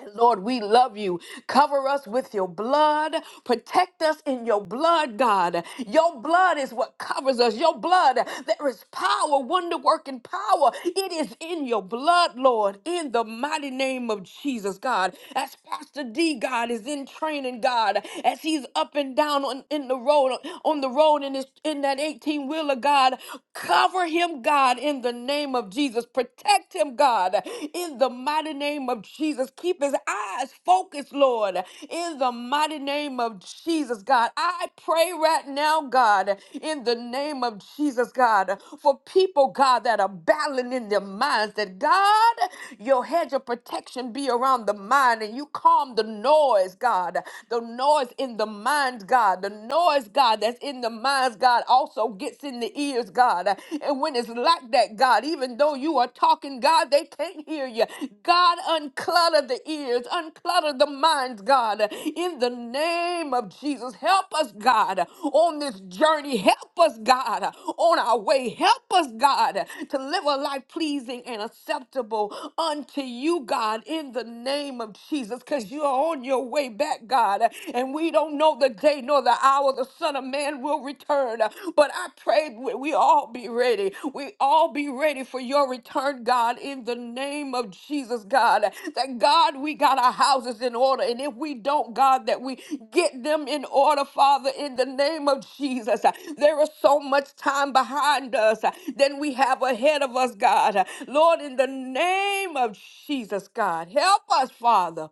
Speaker 2: And Lord, we love you. Cover us with your blood. Protect us in your blood, God. Your blood is what covers us. Your blood, there is power, wonder working power. It is in your blood, Lord, in the mighty name of Jesus, God. As Pastor D, God, is in training, God, as he's up and down on in the road, on the road in his in that 18 wheeler, God. Cover him, God, in the name of Jesus. Protect him, God, in the mighty name of Jesus. Keep his eyes focused, Lord, in the mighty name of Jesus, God. I pray right now, God, in the name of Jesus, God, for people, God, that are battling in their minds, that God, your hedge of protection be around the mind and you calm the noise, God, the noise in the mind, God, the noise, God, that's in the minds, God, also gets in in the ears, God. And when it's like that, God, even though you are talking, God, they can't hear you. God, unclutter the ears, unclutter the minds, God. In the name of Jesus, help us, God, on this journey. Help us, God, on our way. Help us, God, to live a life pleasing and acceptable unto you, God, in the name of Jesus, because you are on your way back, God. And we don't know the day day nor the hour the Son of Man will return. But I pray we we all be ready. We all be ready for your return, God, in the name of Jesus, God. That God, we got our houses in order. And if we don't, God, that we get them in order, Father, in the name of Jesus. There is so much time behind us than we have ahead of us, God. Lord, in the name of Jesus, God, help us, Father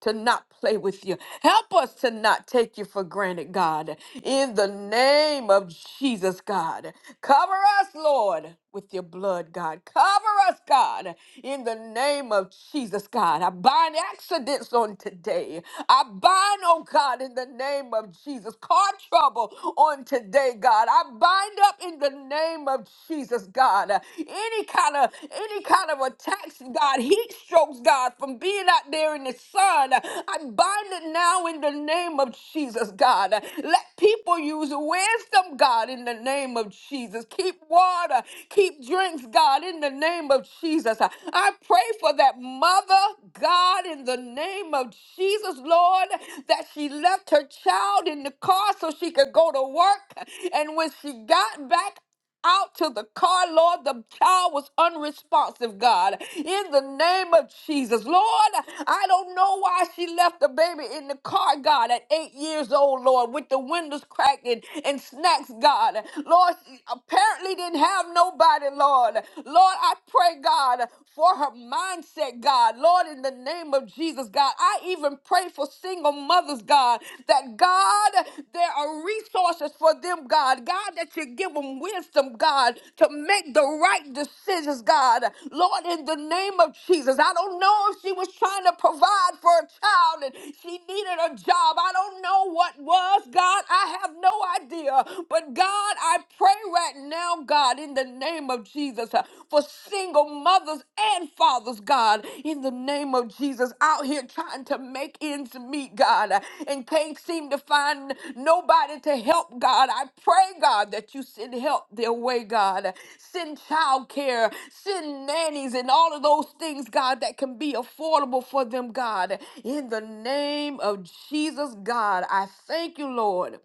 Speaker 2: to not play with you. Help us to not take you for granted, God. In the name of Jesus, God. Cover us, Lord, with your blood, God. Cover us, God. In the name of Jesus, God. I bind accidents on today. I bind, oh God, in the name of Jesus, car trouble on today, God. I bind up in the name of Jesus, God. Any kind of any kind of attacks, God, heat strokes, God, from being out there in the sun. I bind it now in the name of Jesus, God. Let people use wisdom, God, in the name of Jesus. Keep water, keep drinks, God, in the name of Jesus. I pray for that mother, God, in the name of Jesus, Lord, that she left her child in the car so she could go to work. And when she got back, out to the car, Lord. The child was unresponsive, God. In the name of Jesus, Lord, I don't know why she left the baby in the car, God, at eight years old, Lord, with the windows cracked and, and snacks, God. Lord, she apparently didn't have nobody, Lord. Lord, I pray, God, for her mindset, God. Lord, in the name of Jesus, God, I even pray for single single mothers, God, that God, there are resources for them, God. God, that you give them wisdom, God, to make the right decisions, God. Lord, in the name of Jesus, I don't know if she was trying to provide for a child and she needed a job. I don't know what was, God. I have no idea. But God, I pray right now, God, in the name of Jesus, uh, for single mothers and fathers, God, in the name of Jesus, out here trying to make ends meet, God, and can't seem to find nobody to help, God. I pray, God, that you send help their way, God. Send childcare, send nannies, and all of those things, God, that can be affordable for them, God. In the name of Jesus, God, I thank you, Lord.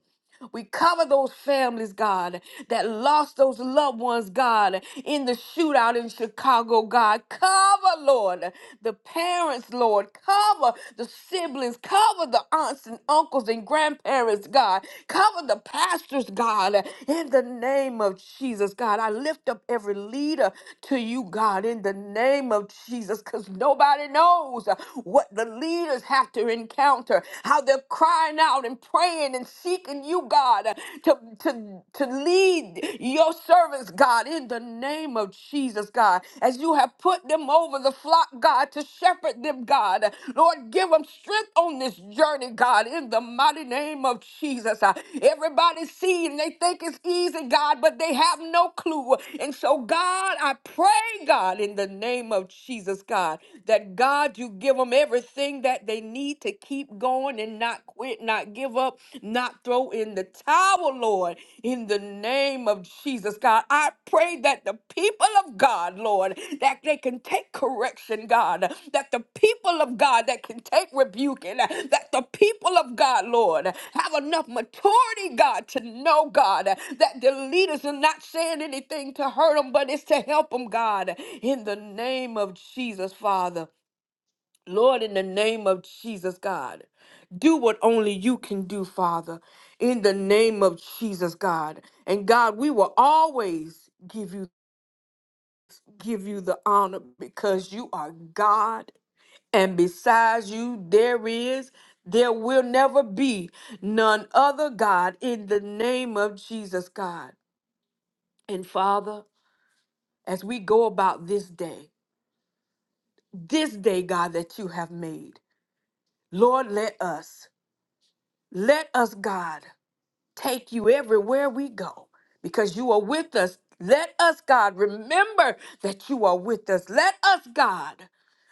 Speaker 2: We cover those families, God, that lost those loved ones, God, in the shootout in Chicago, God. Cover, Lord, the parents, Lord. Cover the siblings. Cover the aunts and uncles and grandparents, God. Cover the pastors, God, in the name of Jesus, God. I lift up every leader to you, God, in the name of Jesus, because nobody knows what the leaders have to encounter, how their cries crying out and praying and seeking you, God, to, to, to lead your servants, God, in the name of Jesus, God, as you have put them over the flock, God, to shepherd them, God. Lord, give them strength on this journey, God, in the mighty name of Jesus. Uh, Everybody see and they think it's easy, God, but they have no clue. And so, God, I pray, God, in the name of Jesus, God, that God, you give them everything that they that they need to keep going and not quit, not give up, not throw in the towel, Lord, in the name of Jesus, God. I pray that the people of God, Lord, that they can take correction, God, that the people of God that can take rebuking, that the people of God, Lord, have enough maturity, God, to know, God, that the leaders are not saying anything to hurt them, but it's to help them, God, in the name of Jesus, Father. Lord, in the name of Jesus, God, do what only you can do, Father, in the name of Jesus, God. And God, we will always give you give you the honor because you are God, and besides you there is there will never be none other God in the name of Jesus, God. And Father, as we go about this day, this day, God, that you have made, Lord, let us, let us, God. take you everywhere we go because you are with us. Let us, God, remember that you are with us. Let us, God.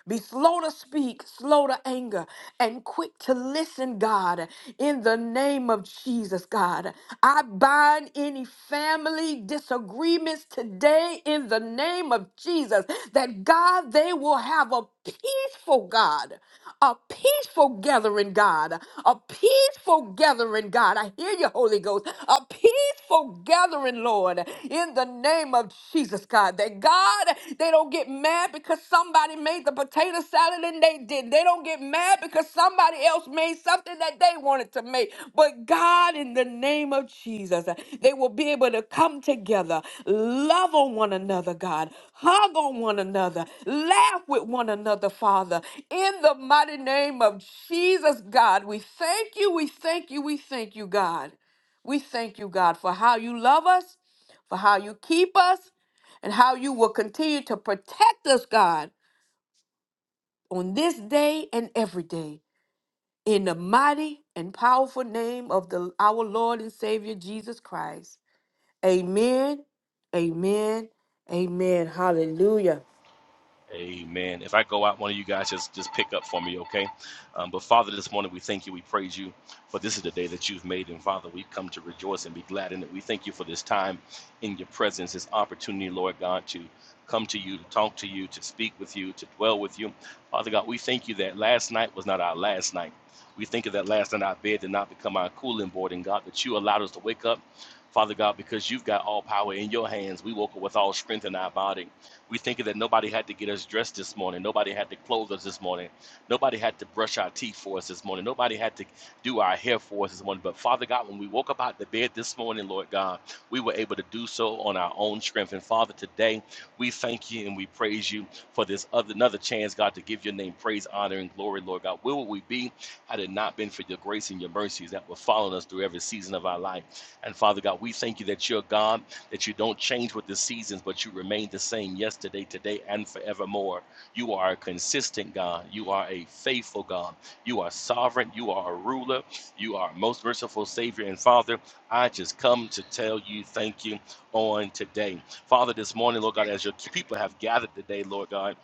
Speaker 2: Be slow to speak, slow to anger, and quick to listen, God, in the name of Jesus, God. I bind any family disagreements today in the name of Jesus, that God, they will have a peaceful God, a peaceful gathering, God, a peaceful gathering, God. I hear you, Holy Ghost, a peaceful gathering, Lord, in the name of of Jesus, God. That God, they don't get mad because somebody made the potato salad and they did. They don't get mad because somebody else made something that they wanted to make. But God, in the name of Jesus, they will be able to come together, love on one another, God, hug on one another, laugh with one another, Father. In the mighty name of Jesus, God, we thank you, we thank you, we thank you, God. We thank you, God, for how you love us for how you keep us and how you will continue to protect us, God, on this day and every day. In the mighty and powerful name of the, our Lord and Savior Jesus Christ. Amen, amen, amen. Hallelujah.
Speaker 4: Amen. If I go out, one of you guys just just pick up for me, okay? Um, but Father, this morning we thank you, we praise you, for this is the day that you've made, and Father, we've come to rejoice and be glad in it. We thank you for this time in your presence, this opportunity, Lord God, to come to you, to talk to you, to speak with you, to dwell with you. Father God, we thank you that last night was not our last night. We thank you that last night our bed did not become our cooling board, and God, that you allowed us to wake up. Father God, because you've got all power in your hands, we woke up with all strength in our body. We thinking that nobody had to get us dressed this morning. Nobody had to clothe us this morning. Nobody had to brush our teeth for us this morning. Nobody had to do our hair for us this morning. But Father God, when we woke up out of the bed this morning, Lord God, we were able to do so on our own strength. And Father, today we thank you and we praise you for this other another chance, God, to give your name praise, honor, and glory, Lord God. Where would we be had it not been for your grace and your mercies that were following us through every season of our life? And Father God, we thank you that you're God that you don't change with the seasons, but you remain the same yesterday, today, and forevermore. You are a consistent God. You are a faithful God. You are sovereign. You are a ruler. You are a most merciful Savior and Father. I just come to tell you thank you on today. Father, this morning, Lord God, as your people have gathered today, Lord God.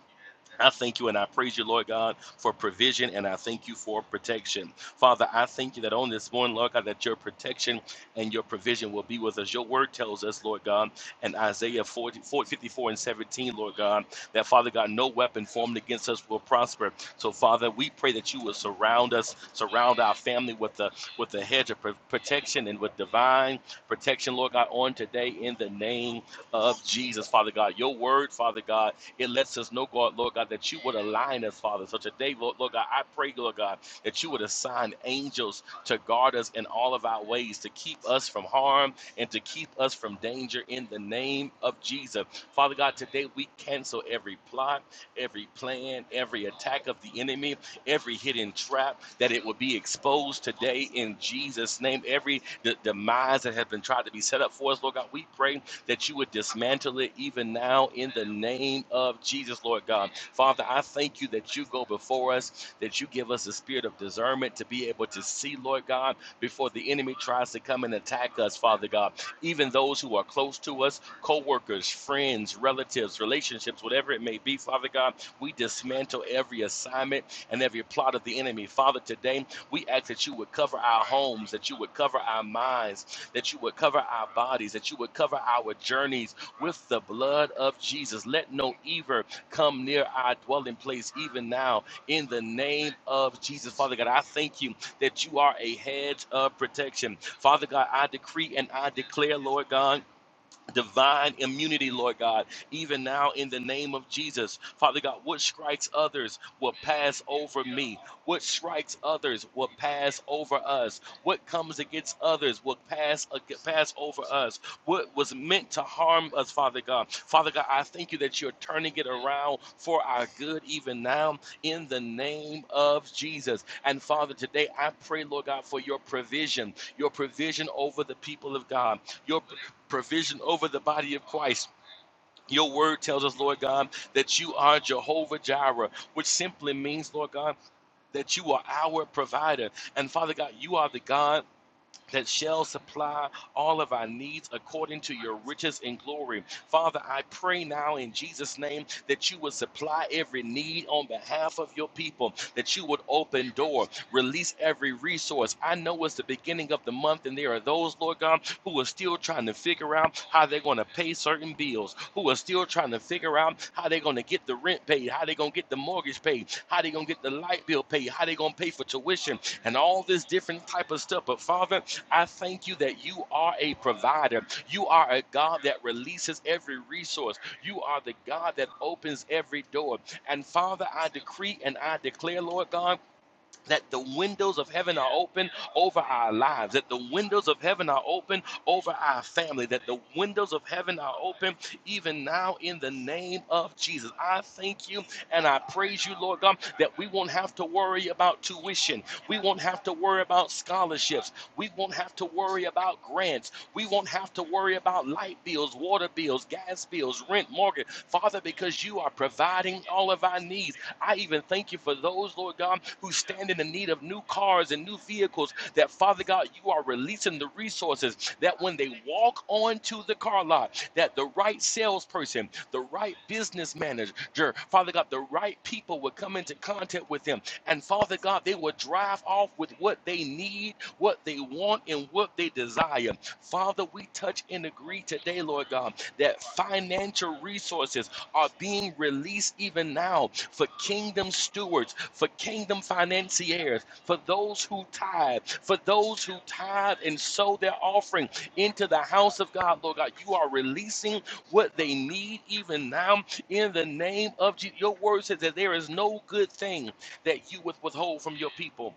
Speaker 4: I thank you and I praise you, Lord God, for provision and I thank you for protection. Father, I thank you that on this morning, Lord God, that your protection and your provision will be with us. Your word tells us, Lord God, in Isaiah 40, 54 and 17, Lord God, that Father God, no weapon formed against us will prosper. So, Father, we pray that you will surround us, surround our family with the with the hedge of pro- protection and with divine protection, Lord God, on today in the name of Jesus, Father God. Your word, Father God. It lets us know, God, Lord God, that you would align us, Father. So today, Lord, Lord God, I pray, Lord God, that you would assign angels to guard us in all of our ways, to keep us from harm and to keep us from danger in the name of Jesus. Father God, today we cancel every plot, every plan, every attack of the enemy, every hidden trap, that it would be exposed today in Jesus' name. Every de- demise that has been tried to be set up for us, Lord God, we pray that you would dismantle it even now in the name of Jesus, Lord God. Father, I thank you that you go before us, that you give us a spirit of discernment to be able to see, Lord God, before the enemy tries to come and attack us, Father God. Even those who are close to us, co workers, friends, relatives, relationships, whatever it may be, Father God, we dismantle every assignment and every plot of the enemy. Father, today we ask that you would cover our homes, that you would cover our minds, that you would cover our bodies, that you would cover our journeys with the blood of Jesus. Let no evil come near our dwelling place, even now, in the name of Jesus. Father God, I thank you that you are a hedge of protection. Father God, I decree and I declare, Lord God divine immunity, Lord God, even now in the name of Jesus. Father God, what strikes others will pass over me. What strikes others will pass over us. What comes against others will pass pass over us. What was meant to harm us, Father God. Father God, I thank you that you're turning it around for our good even now in the name of Jesus. And Father, today I pray, Lord God, for your provision, your provision over the people of God Your provision over the body of Christ. Your word tells us, Lord God, that you are Jehovah Jireh, which simply means, Lord God, that you are our provider. And Father God, you are the God that shall supply all of our needs according to your riches and glory. Father, I pray now in Jesus' name that you would supply every need on behalf of your people, that you would open door, release every resource. I know it's the beginning of the month, and there are those, Lord God, who are still trying to figure out how they're going to pay certain bills, who are still trying to figure out how they're going to get the rent paid, how they're going to get the mortgage paid, how they're going to get the light bill paid, how they're going to pay for tuition, and all this different type of stuff. But Father, I thank you that you are a provider. You are a God that releases every resource. You are the God that opens every door. And Father, I decree and I declare, Lord God, that the windows of heaven are open over our lives, that the windows of heaven are open over our family, that the windows of heaven are open even now in the name of Jesus. I thank you and I praise you, Lord God, that we won't have to worry about tuition. We won't have to worry about scholarships. We won't have to worry about grants. We won't have to worry about light bills, water bills, gas bills, rent, mortgage. Father, because you are providing all of our needs. I even thank you for those, Lord God, who stand in the need of new cars and new vehicles, that Father God, you are releasing the resources that when they walk onto the car lot, that the right salesperson, the right business manager, Father God, the right people would come into contact with them. And Father God, they would drive off with what they need, what they want, and what they desire. Father, we touch and agree today, Lord God, that financial resources are being released even now for kingdom stewards, for kingdom financiers, for those who tithe, for those who tithe and sow their offering into the house of God, Lord God. You are releasing what they need even now in the name of Jesus. Your word says that there is no good thing that you would withhold from your people.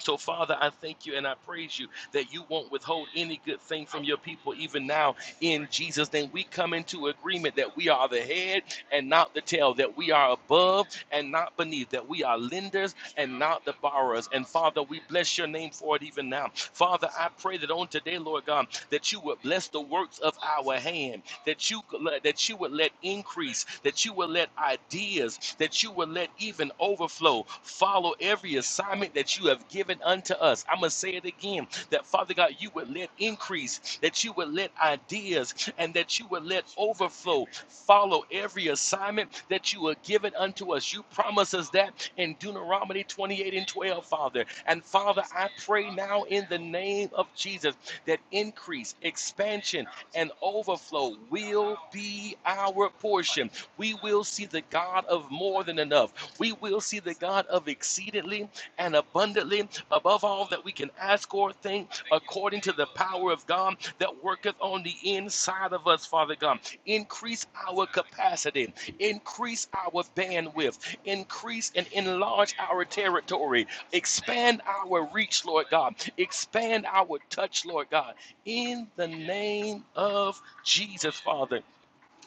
Speaker 4: So, Father, I thank you and I praise you that you won't withhold any good thing from your people, even now in Jesus' name. We come into agreement that we are the head and not the tail, that we are above and not beneath, that we are lenders and not the borrowers. And Father, we bless your name for it even now. Father, I pray that on today, Lord God, that you would bless the works of our hand, that you that you would let increase, that you would let ideas, that you would let even overflow follow every assignment that you have given unto us. I'm gonna say it again, that Father God, you would let increase, that you would let ideas, and that and that you would let overflow follow every assignment that you are given unto us. You promise us that in Deuteronomy 28 and 12, Father. And Father, I pray now in the name of Jesus that increase, expansion, and overflow will be our portion. We will see the God of more than enough. We will see the God of exceedingly and abundantly above all that we can ask or think, according to the power of God that worketh on the inside of us, Father God. Increase our capacity, increase our bandwidth, increase and enlarge our territory, expand our reach, Lord God, expand our touch, Lord God, in the name of Jesus, Father.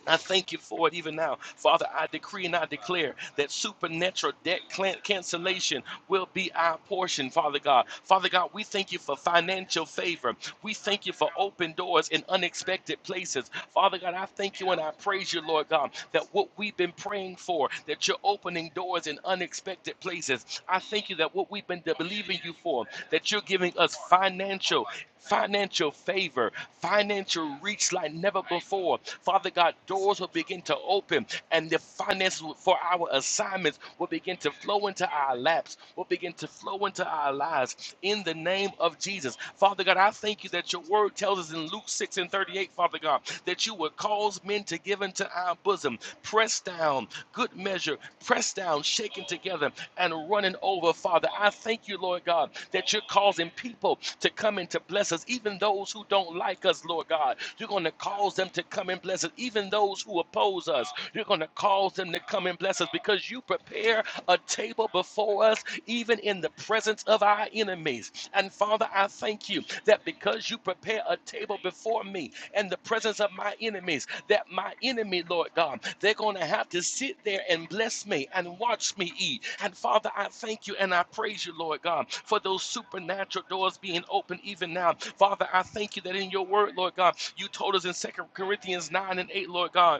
Speaker 4: I thank you for it even now. Father, I decree and I declare that supernatural debt cancellation will be our portion, Father God. Father God, we thank you for financial favor. We thank you for open doors in unexpected places. Father God, I thank you and I praise you, Lord God, that what we've been praying for, that you're opening doors in unexpected places. I thank you that what we've been believing you for, that you're giving us financial financial favor, financial reach like never before. Father God, doors will begin to open and the finances for our assignments will begin to flow into our laps, will begin to flow into our lives in the name of Jesus. Father God, I thank you that your word tells us in Luke 6 and 38, Father God, that you will cause men to give into our bosom, pressed down down, good measure, pressed down, shaken together, and running over. Father, I thank you, Lord God, that you're causing people to come and to bless us, even those who don't like us, Lord God. You're going to cause them to come and bless us, even those who oppose us. You're going to cause them to come and bless us because you prepare a table before us, even in the presence of our enemies. And and Father, I thank you that because you prepare a table before me in the presence of my enemies, that my enemy, Lord God, they're going to have to sit there and bless me and watch me eat. And Father, I thank you and I praise you, Lord God, for those supernatural doors being open even now. Father, I thank you that in your word, Lord God, you told us in Second Corinthians 9 and 8, Lord God.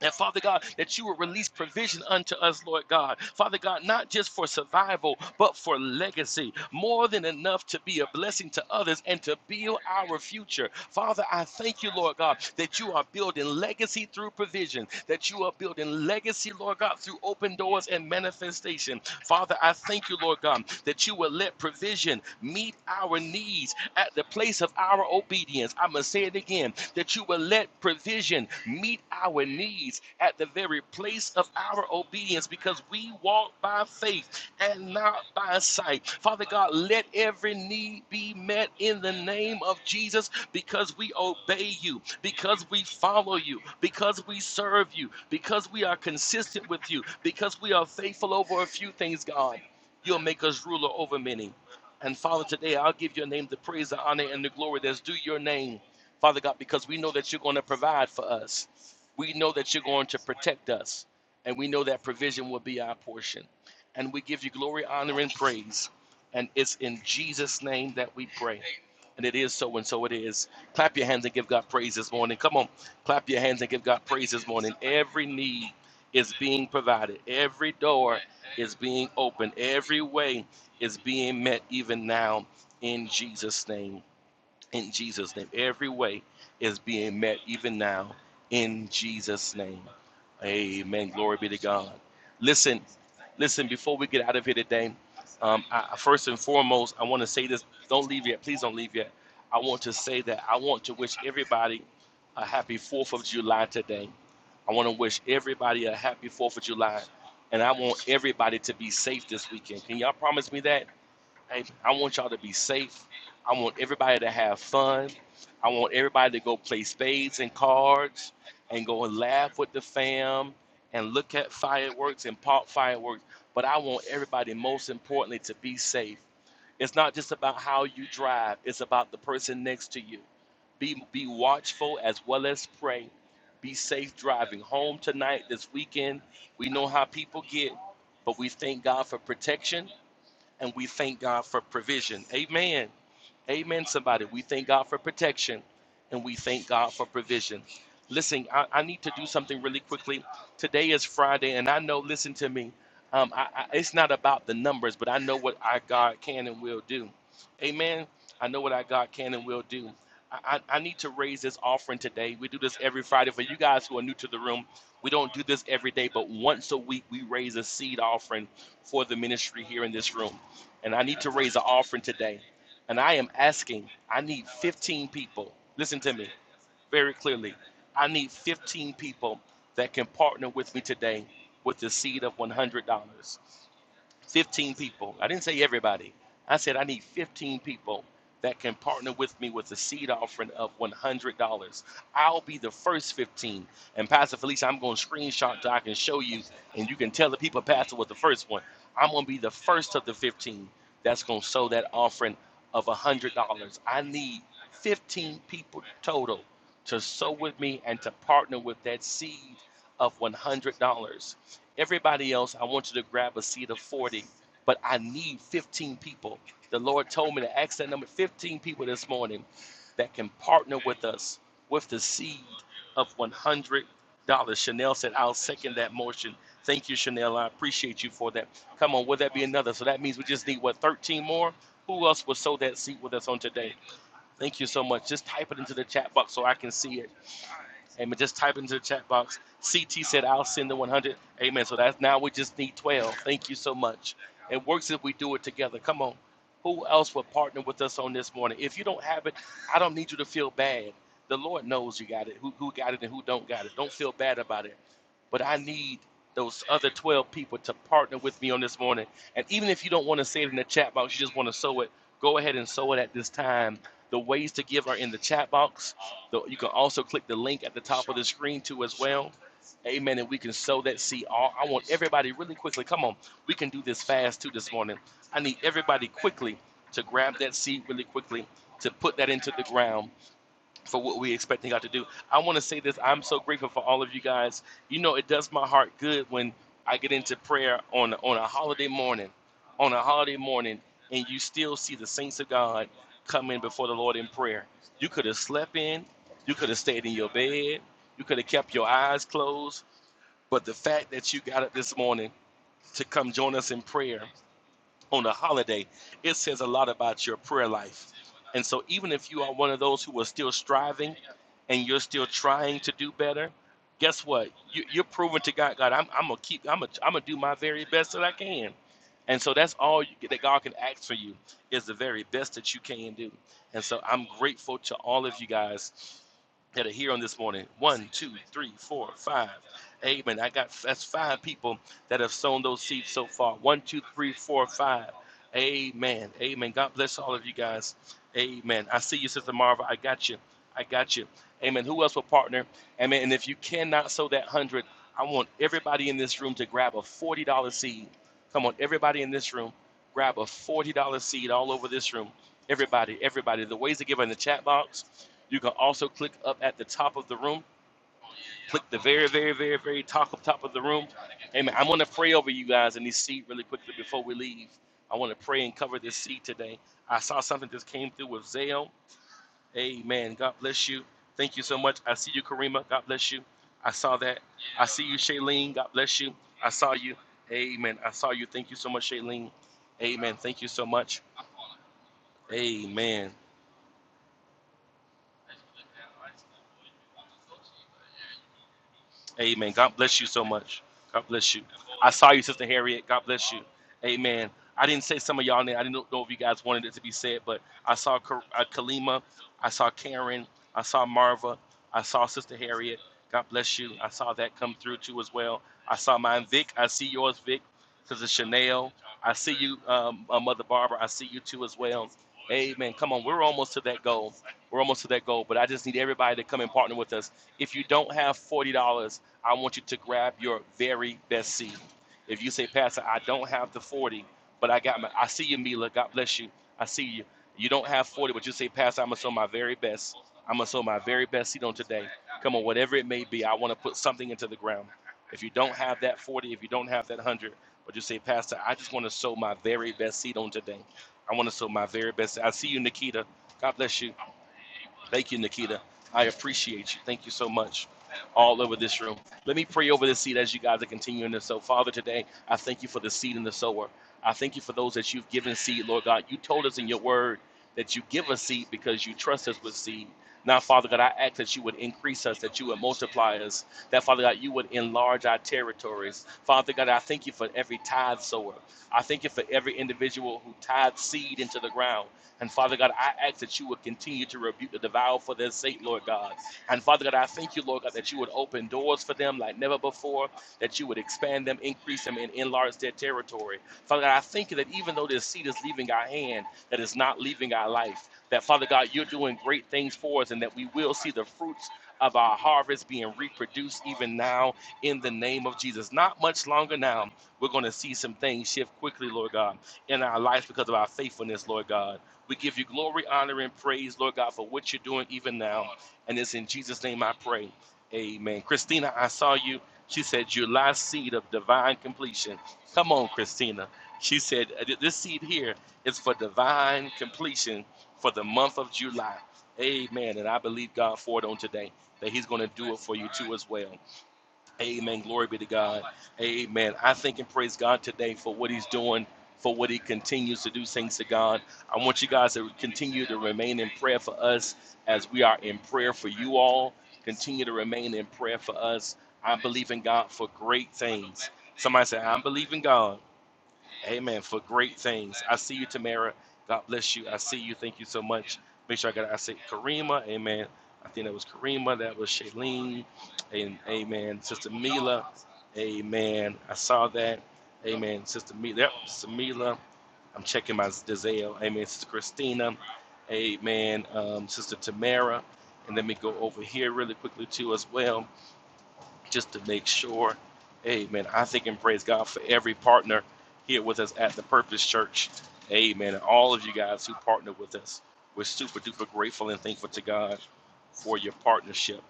Speaker 4: And Father God, that you will release provision unto us, Lord God. Father God, not just for survival, but for legacy. More than enough to be a blessing to others and to build our future. Father, I thank you, Lord God, that you are building legacy through provision, that you are building legacy, Lord God, through open doors and manifestation. Father, I thank you, Lord God, that you will let provision meet our needs at the place of our our obedience. I'm going to say it again that you will let provision meet our needs at the very place of our obedience because we walk by faith and not by sight. Father God, let every need be met in the name of Jesus because we obey you, because we follow you, because we serve you, because we are consistent with you, because we are faithful over a few things, God. You'll make us ruler over many. And Father, today I'll give your name the praise, the honor, and the glory that's due your name, Father God, because we know that you're going to provide for us. We know that you're going to protect us. And we know that provision will be our portion. And we give you glory, honor, and praise. And it's in Jesus' name that we pray. And it is so, and so it is. Clap your hands and give God praise this morning. Come on, clap your hands and give God praise this morning. Every need is being provided, every door is being opened, every way is being met even now in Jesus' name. In Jesus' name. Every way is being met even now in Jesus' name. Amen. Glory be to God. Listen, listen, before we get out of here today, um, I, first and foremost, I want to say this. Don't leave yet. Please don't leave yet. I want to say that I want to wish everybody a happy 4th of July today. I want to wish everybody a happy 4th of July. And I want everybody to be safe this weekend. Can y'all promise me that? Hey, I want y'all to be safe. I want everybody to have fun. I want everybody to go play spades and cards and go and laugh with the fam and look at fireworks and pop fireworks. But I want everybody, most importantly, to be safe. It's not just about how you drive, it's about the person next to you. Be, be watchful as well as pray. Be safe driving home tonight, this weekend. We know how people get, but we thank God for protection and we thank God for provision. Amen. Amen, somebody. We thank God for protection and we thank God for provision. Listen, I, I need to do something really quickly. Today is Friday, and I know, listen to me, um, I, I, it's not about the numbers, but I know what our God can and will do. Amen. I know what our God can and will do. I, I I need to raise this offering today. We do this every Friday. For you guys who are new to the room, we don't do this every day, but once a week we raise a seed offering for the ministry here in this room and I need to raise an offering today. And I am asking, I need 15 people. Listen to me very clearly. I need 15 people that can partner with me today with the seed of $100. 15 people. I didn't say everybody. I said I need 15 people that can partner with me with a seed offering of $100. I'll be the first 15. And Pastor Felicia, I'm going to screenshot so I can show you, and you can tell the people Pastor was the first one. I'm going to be the first of the 15 that's going to sow that offering of $100. I need 15 people total to sow with me and to partner with that seed of $100. Everybody else, I want you to grab a seat of 40, but I need 15 people. The Lord told me to ask that number 15 people this morning that can partner with us with the seed of $100. Chanel said, I'll second that motion. Thank you, Chanel. I appreciate you for that. Come on, would that be another? So that means we just need, what, 13 more? Who else will sow that seed with us on today? Thank you so much. Just type it into the chat box so I can see it. Amen. Just type into the chat box. CT said, I'll send the 100. Amen. So that's now we just need 12. Thank you so much. It works if we do it together. Come on. Who else would partner with us on this morning? If you don't have it, I don't need you to feel bad. The Lord knows you got it, who, who got it and who don't got it. Don't feel bad about it. But I need those other 12 people to partner with me on this morning. And even if you don't want to say it in the chat box, you just want to sow it, go ahead and sow it at this time. The ways to give are in the chat box. The- you can also click the link at the top of the screen too as well. Amen. And we can sow that seed. All I want everybody really quickly. Come on, we can do this fast too this morning. I need everybody quickly to grab that seed really quickly to put that into the ground for what we expecting God to do. I want to say this. I'm so grateful for all of you guys. You know, it does my heart good when I get into prayer on on a holiday morning, on a holiday morning, and you still see the saints of God come in before the Lord in prayer. You could have slept in, you could have stayed in your bed, you could have kept your eyes closed, but the fact that you got up this morning to come join us in prayer on a holiday, it says a lot about your prayer life. And so, even if you are one of those who are still striving and you're still trying to do better, guess what? You, you're proving to God, God, I'm, I'm gonna keep, I'm gonna, I'm gonna do my very best that I can. And so that's all you, that God can ask for you is the very best that you can do. And so I'm grateful to all of you guys that are here on this morning. One, two, three, four, five. Amen. I got that's five people that have sown those seeds so far. One, two, three, four, five. Amen. Amen. God bless all of you guys. Amen. I see you, Sister Marva. I got you. I got you. Amen. Who else will partner? Amen. And if you cannot sow that hundred, I want everybody in this room to grab a forty dollar seed. Come on, everybody in this room, grab a forty dollar seed all over this room. Everybody, everybody. The ways to give are in the chat box. You can also click up at the top of the room click the very, very, very, very top of top of the room. Amen. I want to pray over you guys in this seat really quickly before we leave. I want to pray and cover this seat today. I saw something that came through with Zale. Amen. God bless you. Thank you so much. I see you, Karima. God bless you. I saw that. I see you, Shailene. God bless you. I saw you. Amen. I saw you. Thank you so much, Shailene. Amen. Thank you so much. Amen. Amen. God bless you so much. God bless you. I saw you, Sister Harriet. God bless you. Amen. I didn't say some of y'all name. I didn't know if you guys wanted it to be said, but I saw Ka- uh, Kalima. I saw Karen. I saw Marva. I saw Sister Harriet. God bless you. I saw that come through too as well. I saw mine, Vic. I see yours, Vic. Sister Chanel. I see you, um, uh, Mother Barbara. I see you too as well. Amen. Come on, we're almost to that goal. We're almost to that goal, but I just need everybody to come and partner with us if you don't have $40 I want you to grab your very best seed. If you say, Pastor, I don't have the 40, but I got my, I see you, Mila. God bless you. I see you. You don't have 40, but you say, Pastor, I'm going to sow my very best. I'm going to sow my very best seed on today. Come on, whatever it may be, I want to put something into the ground. If you don't have that 40, if you don't have that 100, but you say, Pastor, I just want to sow my very best seed on today. I want to sow my very best. I see you, Nikita. God bless you. Thank you, Nikita. I appreciate you. Thank you so much. All over this room. Let me pray over this seed as you guys are continuing to sow. Father, today, I thank you for the seed and the sower. I thank you for those that you've given seed, Lord God. You told us in your word that you give us seed because you trust us with seed. Now, Father God, I ask that you would increase us, that you would multiply us, that, Father God, you would enlarge our territories. Father God, I thank you for every tithe sower. I thank you for every individual who tithes seed into the ground. And Father God, I ask that you would continue to rebuke the devour for their sake, Lord God. And Father God, I thank you, Lord God, that you would open doors for them like never before, that you would expand them, increase them, and enlarge their territory. Father God, I thank you that even though this seed is leaving our hand, that is not leaving our life, that Father God, you're doing great things for us and that we will see the fruits of our harvest being reproduced even now in the name of Jesus. Not much longer now, we're going to see some things shift quickly, Lord God, in our lives because of our faithfulness, Lord God. We give you glory, honor, and praise, Lord God, for what you're doing even now. And it's in Jesus' name I pray. Amen. Christina, I saw you. She said, July seed of divine completion. Come on, Christina. She said, "Uh, This seed here is for divine completion for the month of July. Amen. And I believe God for it on today that He's going to do it for you too as well. Amen. Glory be to God. Amen. I thank and praise God today for what He's doing, for what He continues to do. Thanks to God. I want you guys to continue to remain in prayer for us as we are in prayer for you all. Continue to remain in prayer for us. I believe in God for great things. Somebody say, I believe in God Amen. For great things. I see you, Tamara. God bless you. I see you. Thank you so much. Make sure I got I say Karima. Amen. I think that was Karima. That was Shailene. And amen. Sister Mila. Amen. I saw that. Amen. Sister Mila. Yep, Sister Mila. I'm checking my Dizelle. Amen. Sister Christina. Amen. Um, Sister Tamara. And let me go over here really quickly too as well just to make sure. Amen. I thank and praise God for every partner here with us at the Purpose Church. Amen. And all of you guys who partner with us. We're super duper grateful and thankful to God for your partnership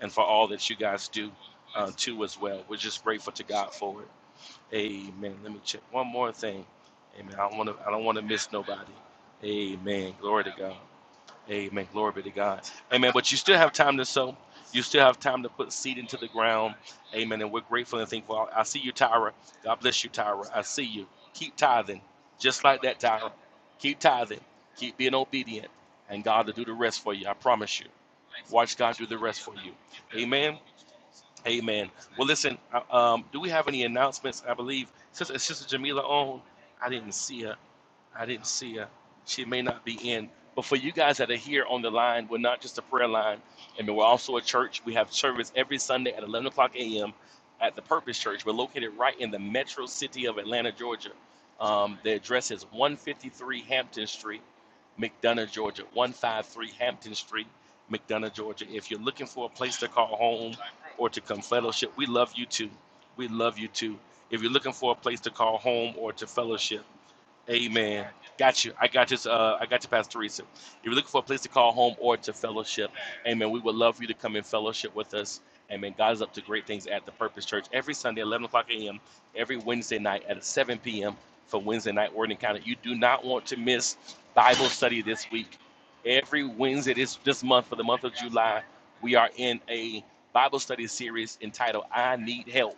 Speaker 4: and for all that you guys do uh, too as well. We're just grateful to God for it. Amen. Let me check one more thing. Amen. I don't want to. I don't want to miss nobody. Amen. Glory to God. Amen. Glory be to God. Amen. But you still have time to sow. You still have time to put seed into the ground. Amen. And we're grateful and thankful. I see you, Tyra. God bless you, Tyra. I see you. Keep tithing. Just like that, Tyra. Keep tithing. Keep being obedient. And God will do the rest for you. I promise you. Watch God do the rest for you. Amen. Amen. Well, listen, uh, um, do we have any announcements? I believe, since Sister Jamila on, I didn't see her. I didn't see her. She may not be in. But for you guys that are here on the line, we're not just a prayer line. I mean, we're also a church. We have service every Sunday at 11 o'clock a.m. at the Purpose Church. We're located right in the metro city of Atlanta, Georgia. Um, the address is 153 Hampton Street, McDonough, Georgia. 153 Hampton Street, McDonough, Georgia. If you're looking for a place to call home or to come fellowship, we love you too. We love you too. If you're looking for a place to call home or to fellowship, Amen. Got you. I got you. Uh, I got you, Pastor Teresa. If you're looking for a place to call home or to fellowship, Amen. We would love for you to come in fellowship with us. Amen. God is up to great things at the Purpose Church every Sunday, 11 o'clock a.m. Every Wednesday night at 7 p.m. for Wednesday night word encounter. You do not want to miss Bible study this week. Every Wednesday this this month for the month of July, we are in a Bible study series entitled "I Need Help."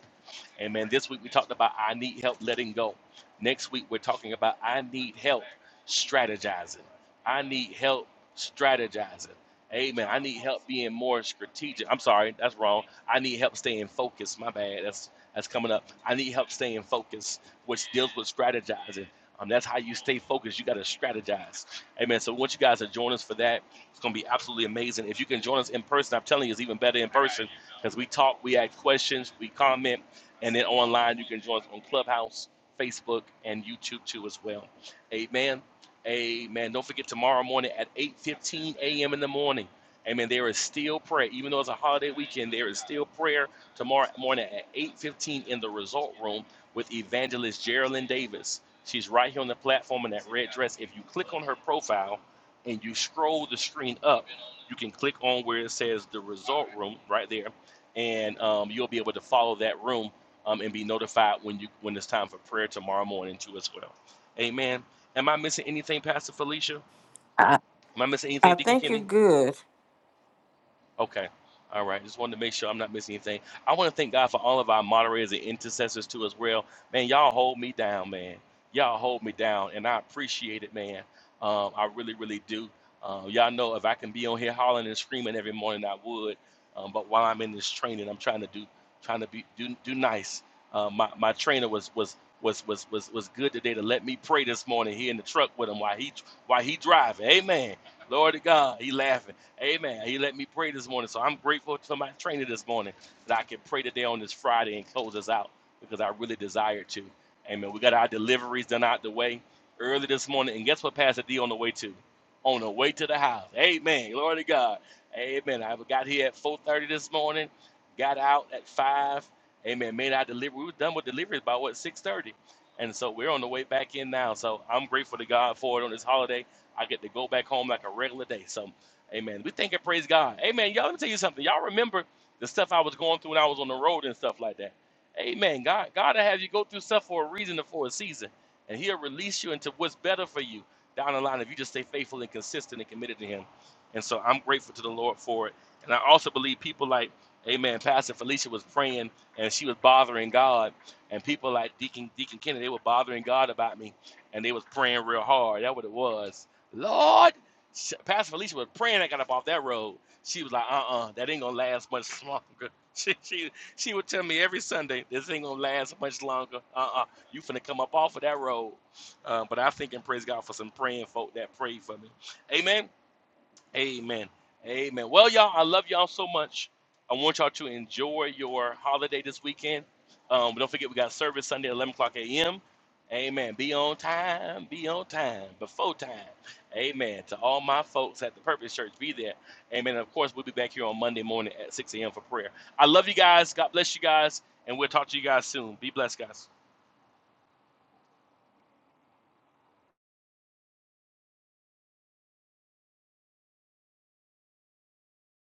Speaker 4: Amen. This week we talked about I need help letting go. Next week, we're talking about I need help strategizing. I need help strategizing. Amen. I need help being more strategic. I'm sorry, that's wrong. I need help staying focused. My bad. That's that's coming up. I need help staying focused, which deals with strategizing. Um, that's how you stay focused. You got to strategize. Amen. So, I want you guys to join us for that. It's going to be absolutely amazing. If you can join us in person, I'm telling you, it's even better in person because we talk, we ask questions, we comment, and then online, you can join us on Clubhouse. Facebook, and YouTube too as well. Amen. Amen. Don't forget tomorrow morning at 8:15 a.m. in the morning. Amen. There is still prayer, even though it's a holiday weekend. There is still prayer tomorrow morning at 8:15 in the Result Room with Evangelist Geraldine Davis. She's right here on the platform in that red dress. If you click on her profile and you scroll the screen up, you can click on where it says the Result Room right there, and um, you'll be able to follow that room um, and be notified when you when it's time for prayer tomorrow morning too as well. Amen. Am I missing anything, Pastor Felicia? Am I missing
Speaker 2: I
Speaker 4: anything, Deacon
Speaker 2: think you're
Speaker 4: Kenny?
Speaker 2: good.
Speaker 4: Okay. All right. Just wanted to make sure I'm not missing anything. I want to thank God for all of our moderators and intercessors too as well. Man, y'all hold me down, man. Y'all hold me down, and I appreciate it, man. Um, I really, really do. Uh, y'all know if I can be on here hollering and screaming every morning, I would. Um, but while I'm in this training, I'm trying to do, trying to be do do nice. Uh, my my trainer was was was was was was good today to let me pray this morning here in the truck with him while he while he driving. Amen. Lord to God, he laughing. Amen. And He let me pray this morning. So I'm grateful to my trainer this morning that I can pray today on this Friday and close us out because I really desired to. Amen. We got our deliveries done out the way early this morning. And guess what, Pastor D on the way to? On the way to the house. Amen. Glory to God. Amen. I got here at 4.30 this morning, got out at 5. Amen. Made our delivery. We were done with deliveries by what, 6.30? And so we're on the way back in now. So I'm grateful to God for it on this holiday. I get to go back home like a regular day. So Amen. We thank and praise God. Amen. Y'all, let me tell you something. Y'all remember the stuff I was going through when I was on the road and stuff like that. Amen. God, God will have you go through stuff for a reason and for a season, and He'll release you into what's better for you down the line if you just stay faithful and consistent and committed to Him. And so I'm grateful to the Lord for it. And I also believe people like, Amen. Pastor Felicia was praying and she was bothering God, and people like Deacon Deacon Kennedy they were bothering God about me, and they was praying real hard. That's what it was. Lord. Pastor Felicia was praying I got up off that road. She was like, uh-uh, that ain't gonna last much longer. She she she would tell me every Sunday, this ain't gonna last much longer. Uh-uh, you finna come up off of that road. Uh, but I think and praise God for some praying folk that prayed for me. Amen. Amen. Amen. Well, y'all, I love y'all so much. I want y'all to enjoy your holiday this weekend. Um, don't forget, we got service Sunday at 11 o'clock a.m. Amen. Be on time. Be on time. Before time. Amen. To all my folks at the Purpose Church, be there. Amen. And of course, we'll be back here on Monday morning at 6 a.m. for prayer. I love you guys. God bless you guys. And we'll talk to you guys soon. Be blessed, guys.